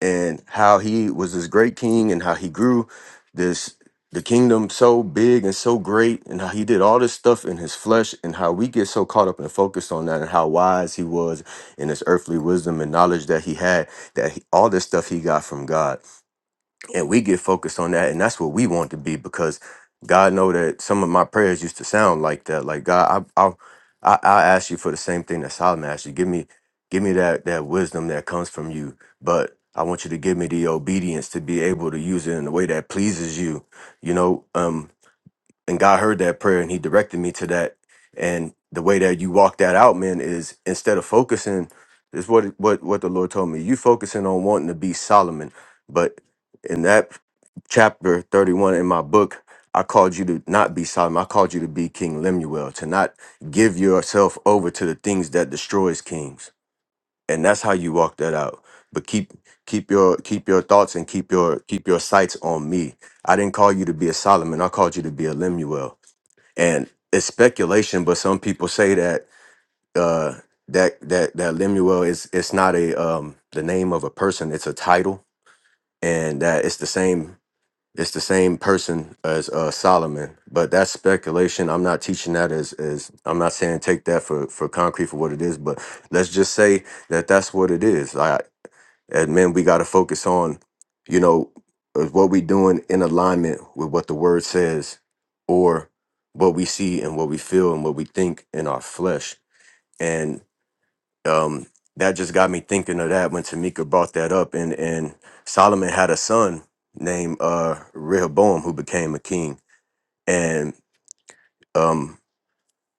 S6: and how he was this great king and how he grew this the kingdom so big and so great and how he did all this stuff in his flesh and how we get so caught up and focused on that and how wise he was in his earthly wisdom and knowledge that he had that he, all this stuff he got from God and we get focused on that and that's what we want to be because god know that some of my prayers used to sound like that like god i i i, I ask you for the same thing that solomon asked you give me give me that that wisdom that comes from you but i want you to give me the obedience to be able to use it in a way that pleases you you know um and God heard that prayer and he directed me to that. And the way that you walk that out, man, is instead of focusing, is what what what the Lord told me. You focusing on wanting to be Solomon, but in that chapter 31 in my book, I called you to not be Solomon. I called you to be King Lemuel, to not give yourself over to the things that destroys kings. And that's how you walk that out. But keep keep your keep your thoughts and keep your keep your sights on me. I didn't call you to be a Solomon. I called you to be a Lemuel and it's speculation, but some people say that uh, that that that Lemuel is it's not a um, the name of a person; it's a title, and that it's the same it's the same person as uh, Solomon. But that's speculation. I'm not teaching that as as I'm not saying take that for for concrete for what it is, but let's just say that that's what it is. I. And man, we got to focus on, you know, is what we doing in alignment with what the word says or what we see and what we feel and what we think in our flesh. And um, that just got me thinking of that when Tamika brought that up. And, and Solomon had a son named uh, Rehoboam who became a king. And um,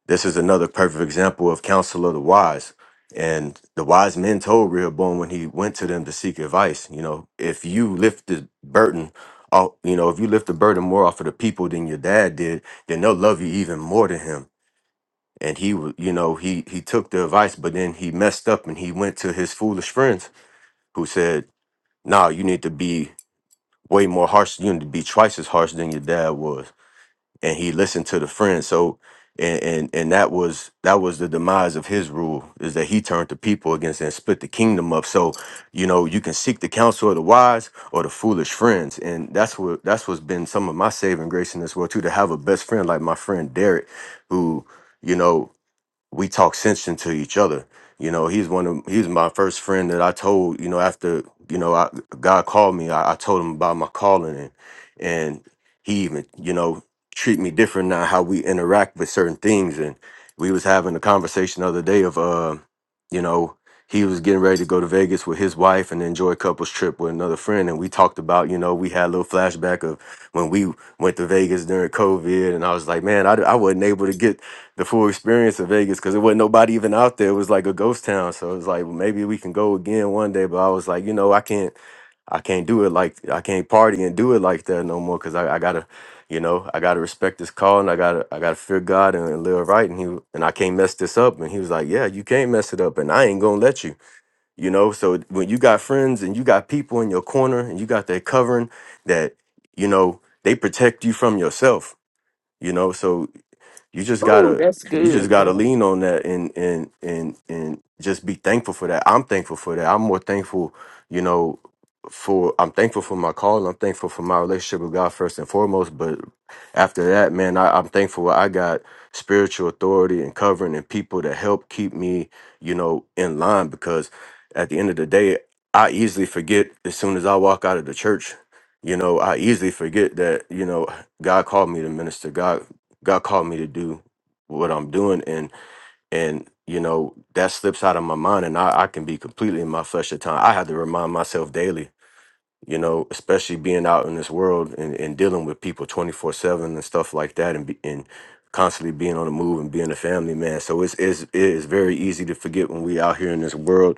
S6: this is another perfect example of counsel of the wise. And the wise men told Rehoboam when he went to them to seek advice, you know, if you lift the burden off, you know, if you lift the burden more off of the people than your dad did, then they'll love you even more than him. And he, wa- you know, he he took the advice, but then he messed up and he went to his foolish friends who said, "Nah, you need to be way more harsh. You need to be twice as harsh than your dad was." and he listened to the friends. So, and, and and that was that was the demise of his rule is that he turned the people against and split the kingdom up. So, you know, you can seek the counsel of the wise or the foolish friends, and that's what that's what's been some of my saving grace in this world too. To have a best friend like my friend Derek, who you know we talk sense into each other. You know, he's one of he's my first friend that I told. You know, after you know, I, God called me. I, I told him about my calling, and and he even you know treat me different now how we interact with certain things. And we was having a conversation the other day of. uh, you know, he was getting ready to go to Vegas with his wife and enjoy a couple's trip with another friend. And we talked about, you know, we had a little flashback of when we went to Vegas during COVID. And I was like, man, I, I wasn't able to get the full experience of Vegas because there wasn't nobody even out there. It was like a ghost town. So it was like, well, maybe we can go again one day. But I was like, you know, I can't. I can't do it like I can't party and do it like that no more because I, I gotta, you know, I gotta respect this call and I gotta I gotta fear God and, and live right and he w- and I can't mess this up and he was like, yeah, you can't mess it up and I ain't gonna let you, you know. So when you got friends and you got people in your corner and you got that covering that, you know, they protect you from yourself, you know. So you just
S11: Oh,
S6: gotta
S11: that's
S6: you just
S11: good.
S6: gotta
S11: Yeah.
S6: lean on that and and and and just be thankful for that. I'm thankful for that. I'm more thankful, you know, for I'm thankful for my call. I'm thankful for my relationship with God first and foremost. But after that, man, I, I'm thankful I got spiritual authority and covering and people to help keep me, you know, in line because at the end of the day, I easily forget as soon as I walk out of the church. You know, I easily forget that, you know, God called me to minister. God God called me to do what I'm doing and and you know, that slips out of my mind and I, I can be completely in my flesh at time. I have to remind myself daily you know, especially being out in this world and, and dealing with people 24 7 and stuff like that and, be, and constantly being on the move and being a family man. So it's, it's, it is very easy to forget when we out here in this world.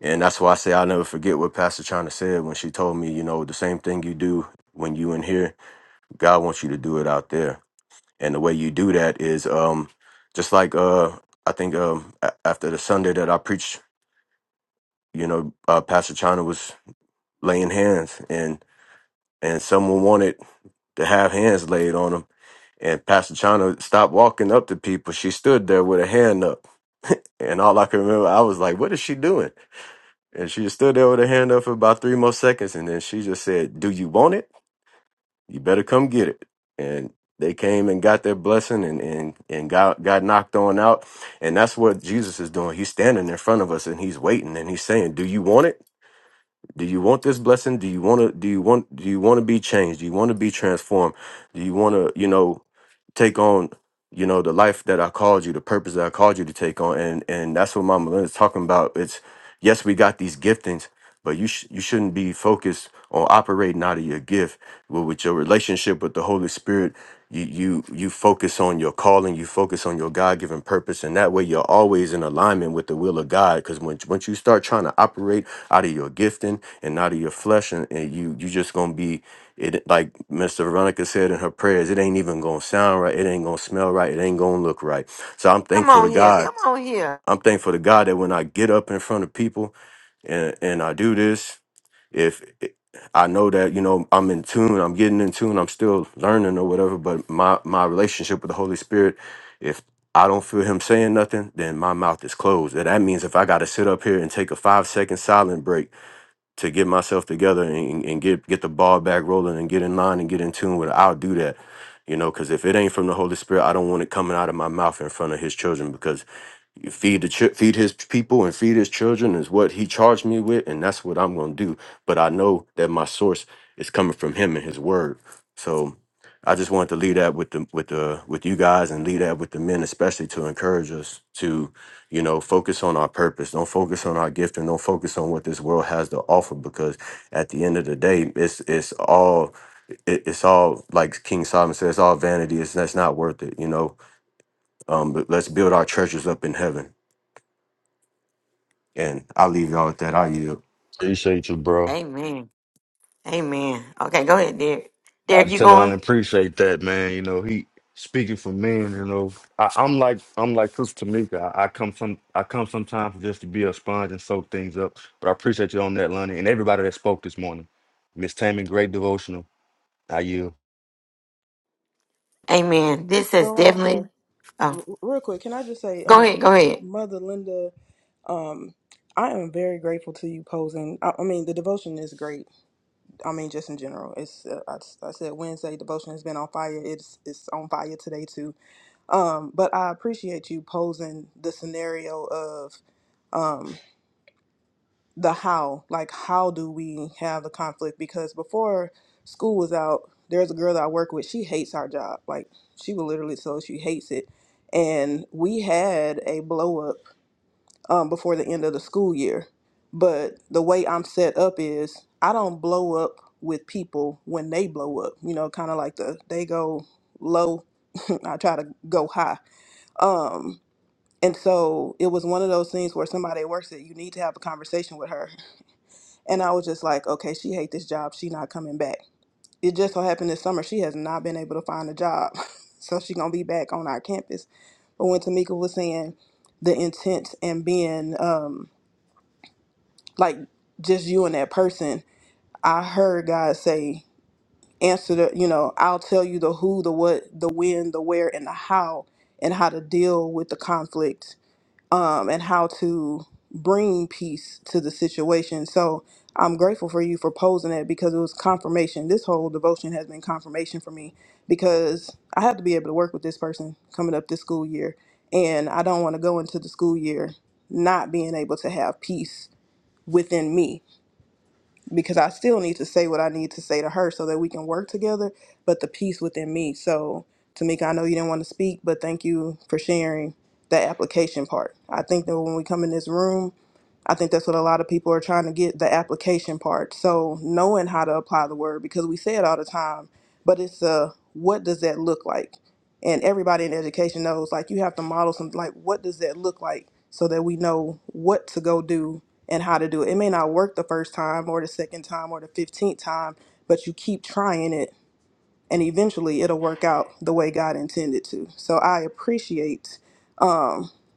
S6: And that's why I say I'll never forget what Pastor China said when she told me, you know, the same thing you do when you in here, God wants you to do it out there. And the way you do that is um, just like uh, I think um, a- after the Sunday that I preached, you know, I was laying hands, and and someone wanted to have hands laid on him and passed up to people, she stood up. And I was like, what is she doing? And she just stood there. and She just said, do you want it? You better come get it. And they came and got their blessing and, and, and got, got knocked on out. And that's what Jesus is doing. He's standing in front of us and he's waiting and he's saying, do you want it? Do you want this blessing? Do you want to, do you want, do you want to be changed? Do you want to be transformed? Do you want to, you know, take on you know the life that i called you the purpose that i called you to take on and and that's what mama Lynn is talking about it's yes we got these giftings but you sh- you shouldn't be focused on operating out of your gift Well, with your relationship with the holy spirit you you you focus on your calling you focus on your god-given purpose and that way you're always in alignment with the will of god because once once you start trying to operate out of your gifting and out of your flesh and, and you you just gonna be it like Miss Veronica said in her prayers, it ain't even gonna sound right, it ain't gonna smell right, it ain't gonna look right. So I'm
S1: Come
S6: thankful
S1: on
S6: to
S1: here.
S6: God.
S1: Come on here.
S6: I'm thankful to God that when I get up in front of people and and I do this, if it- I know that you know I'm in tune, I'm getting in tune, I'm still learning or whatever, but my my relationship with the Holy Spirit, if I don't feel him saying nothing, then my mouth is closed. And that means if I got to sit up here and take a five second silent break to get myself together and, and get get the ball back rolling and get in line and get in tune with it, I'll do that. You know, because if it ain't from the Holy Spirit, I don't want it coming out of my mouth in front of His children. Because you feed the chi- feed his people and feed his children is what he charged me with, and that's what I'm going to do. But I know that my source is coming from him and his word. So I just wanted to leave that with the with the with you guys and leave that with the men, especially to encourage us to, you know, focus on our purpose. Don't focus on our gift and don't focus on what this world has to offer because at the end of the day, it's it's all it, it's all like King Solomon says, it's all vanity. It's that's not worth it, you know. Um, but let's build our treasures up in heaven and I'll leave y'all with that. I'll yield.
S12: Appreciate you, bro.
S1: Amen. Amen. Okay, go ahead, Derek.
S12: I
S1: Derek,
S12: was
S1: you
S12: telling him I
S1: going?
S12: appreciate that, man. You know, he speaking for me, and, you know, I, I'm like I'm like Sister Tamika. I, I come some I come sometimes just to be a sponge and soak things up. But I appreciate you on that, Lonnie, and everybody that spoke this morning. Miss Tammy, great devotional. I yield.
S1: Amen. This is
S9: Veronica,
S1: definitely. Oh,
S9: r- real quick, can I just say,
S1: go
S9: um,
S1: ahead. Go ahead.
S9: Mother Linda, um, I am very grateful to you posing. I, I mean, the devotion is great. I mean, just in general, it's uh, I, I said Wednesday devotion has been on fire. It's it's on fire today too Um, but I appreciate you posing the scenario of um, the how. Like, how do we have the conflict? Because before school was out, there's a girl that I work with. She hates our job. Like, she will literally tell us she hates it. And we had a blow up um, before the end of the school year. But the way I'm set up is I don't blow up with people when they blow up. You know, kind of like the they go low, I try to go high. Um, and so it was one of those things where somebody at work said, You need to have a conversation with her. And I was just like, Okay, she hate this job. She not coming back. It just so happened this summer she has not been able to find a job. so she gonna be back on our campus. But when Tamika was saying the intent and being um like just you and that person, I heard God say, answer the you know, I'll tell you the who, the what, the when, the where, and the how and how to deal with the conflict um, and how to bring peace to the situation. So I'm grateful for you for posing it because it was confirmation. This whole devotion has been confirmation for me because I have to be able to work with this person coming up this school year. And I don't want to go into the school year not being able to have peace within me because I still need to say what I need to say to her so that we can work together, but the peace within me. So, Tamika, I know you didn't want to speak, but thank you for sharing that application part. I think that when we come in this room, I think that's what a lot of people are trying to get the application part. So knowing how to apply the word because we say it all the time, but it's uh what does that look like? And everybody in education knows like you have to model something like what does that look like so that we know what to go do and how to do it. It may not work the first time or the second time or the 15th time, but you keep trying it and eventually it'll work out the way God intended to. So I appreciate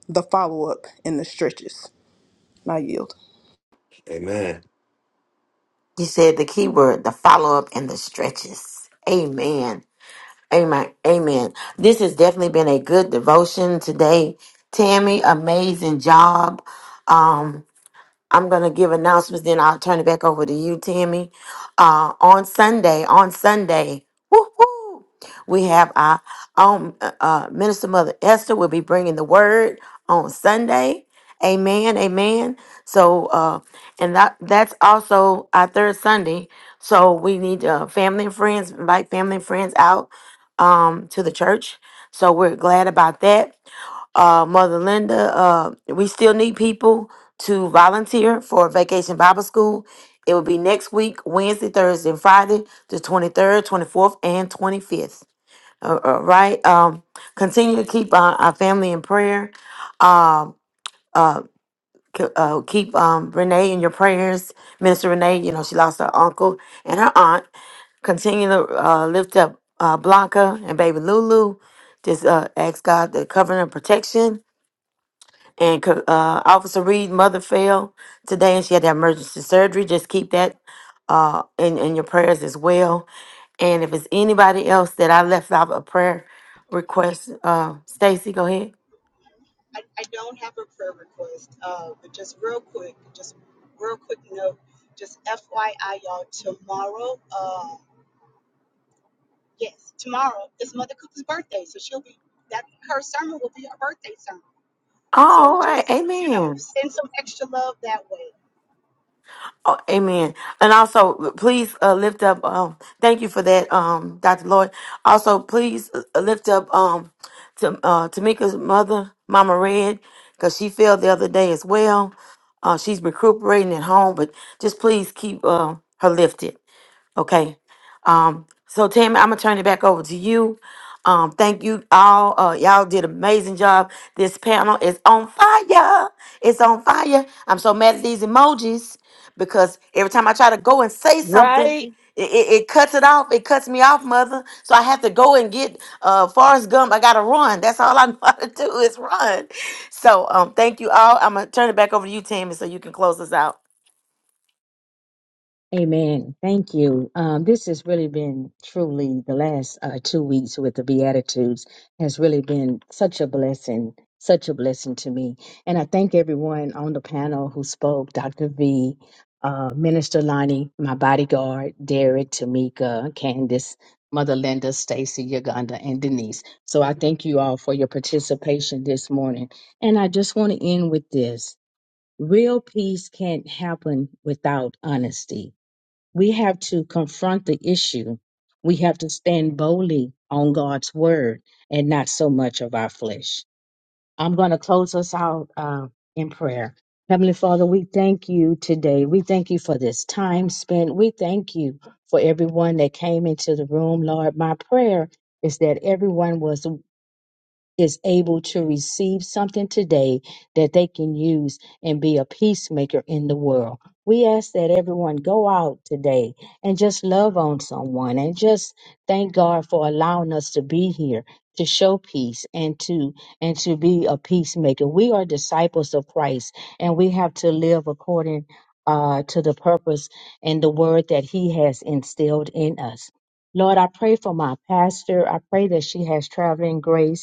S9: the follow up and the stretches. And I yield.
S6: Amen.
S1: You said the key word, the follow up and the stretches. Amen. Amen. Amen. This has definitely been a good devotion today. Tammy, amazing job. Um, I'm gonna give announcements, then I'll turn it back over to you, Tammy. Uh, on Sunday, on Sunday, woo-hoo, we have our own uh, uh, minister mother Esther will be bringing the word on Sunday. Amen, amen. So, uh, and that that's also our third Sunday. So we need uh, family and friends, invite family and friends out um, to the church. So we're glad about that uh, Mother Linda, uh, we still need people to volunteer for Vacation Bible School. It will be next week, Wednesday, Thursday, and Friday, the 23rd, 24th, and 25th. Uh, All right. Um, continue to keep uh, our family in prayer. Um, uh, c- uh, keep um, Renee in your prayers. Minister Renee, you know, she lost her uncle and her aunt. Continue to uh, lift up uh, Blanca and baby Lulu. Just uh, ask God to cover and protection and co- uh, Officer Reed, mother fell today, and she had to have emergency surgery. Just keep that uh, in in your prayers as well. And if it's anybody else that I left out a prayer request, uh, Stacy, go ahead.
S10: I, I don't have a prayer request, uh, but just real quick, just real quick note, just FYI, y'all, tomorrow, uh, yes, tomorrow is Mother Cooper's birthday, so she'll be that her sermon will be her birthday sermon.
S1: Oh,
S10: So
S1: all
S10: just
S1: right,
S10: you know,
S1: Amen.
S10: send some extra love that way
S1: Oh, amen. And also, please uh, lift up. Um, thank you for that, um, Dr. Lloyd. Also, please uh, lift up um, to uh, Tamika's mother, Mama Red, because she fell the other day as well. Uh, she's recuperating at home, but just please keep uh, her lifted. Okay. Um, so Tammy, I'm gonna turn it back over to you. Um, thank you all. Uh, y'all did an amazing job. This panel is on fire. It's on fire. I'm so mad at these emojis because every time I try to go and say something,
S11: Right?
S1: it, it, it cuts it off. It cuts me off, mother. So I have to go and get uh Forrest Gump. I gotta run. That's all I know how to do is run. So um, thank you all. I'm gonna turn it back over to you, Tammy, so you can close us out
S2: Amen. Thank you. Um, this has really been truly the last uh, two weeks with the Beatitudes has really been such a blessing, such a blessing to me. And I thank everyone on the panel who spoke Dr. V, uh, Minister Lonnie, my bodyguard, Derek, Tamika, Candace, Mother Linda, Stacy, Uganda, and Denise. So I thank you all for your participation this morning. And I just want to end with this real peace can't happen without honesty we have to confront the issue. We have to stand boldly on God's word and not so much of our flesh. I'm going to close us out uh, in prayer. Heavenly Father, we thank you today. We thank you for this time spent. We thank you for everyone that came into the room, Lord. My prayer is that everyone was is able to receive something today that they can use and be a peacemaker in the world. We ask that everyone go out today and just love on someone and just thank God for allowing us to be here to show peace and to and to be a peacemaker. We are disciples of Christ and we have to live according uh, to the purpose and the word that he has instilled in us. Lord, I pray for my pastor. I pray that she has traveling grace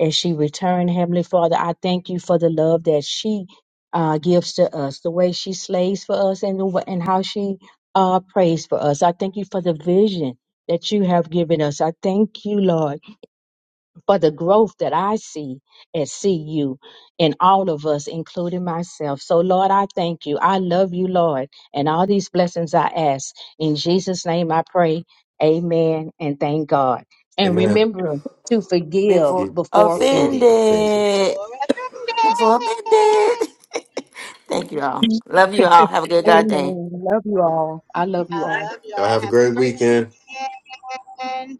S2: as she returned. Heavenly Father, I thank you for the love that she uh, gives to us, the way she slays for us, and the, wa- and how she uh, prays for us. I thank you for the vision that you have given us. I thank you, Lord, for the growth that I see and see you in all of us, including myself. So, Lord, I thank you. I love you, Lord, and all these blessings I ask. In Jesus' name I pray. Amen and thank God. And
S6: Amen.
S2: remember to forgive
S1: before
S6: You
S2: before
S6: Before
S2: offended.
S6: offended.
S1: offended.
S10: for a
S1: For a
S10: Sunday.
S1: minute. Thank you all. Love you all. Have a good God day.
S2: Amen. Love you all. I love
S10: I
S2: you all.
S10: love
S6: Y'all
S10: y'all.
S6: have a
S10: Have a
S6: great
S10: great
S6: weekend.
S10: weekend.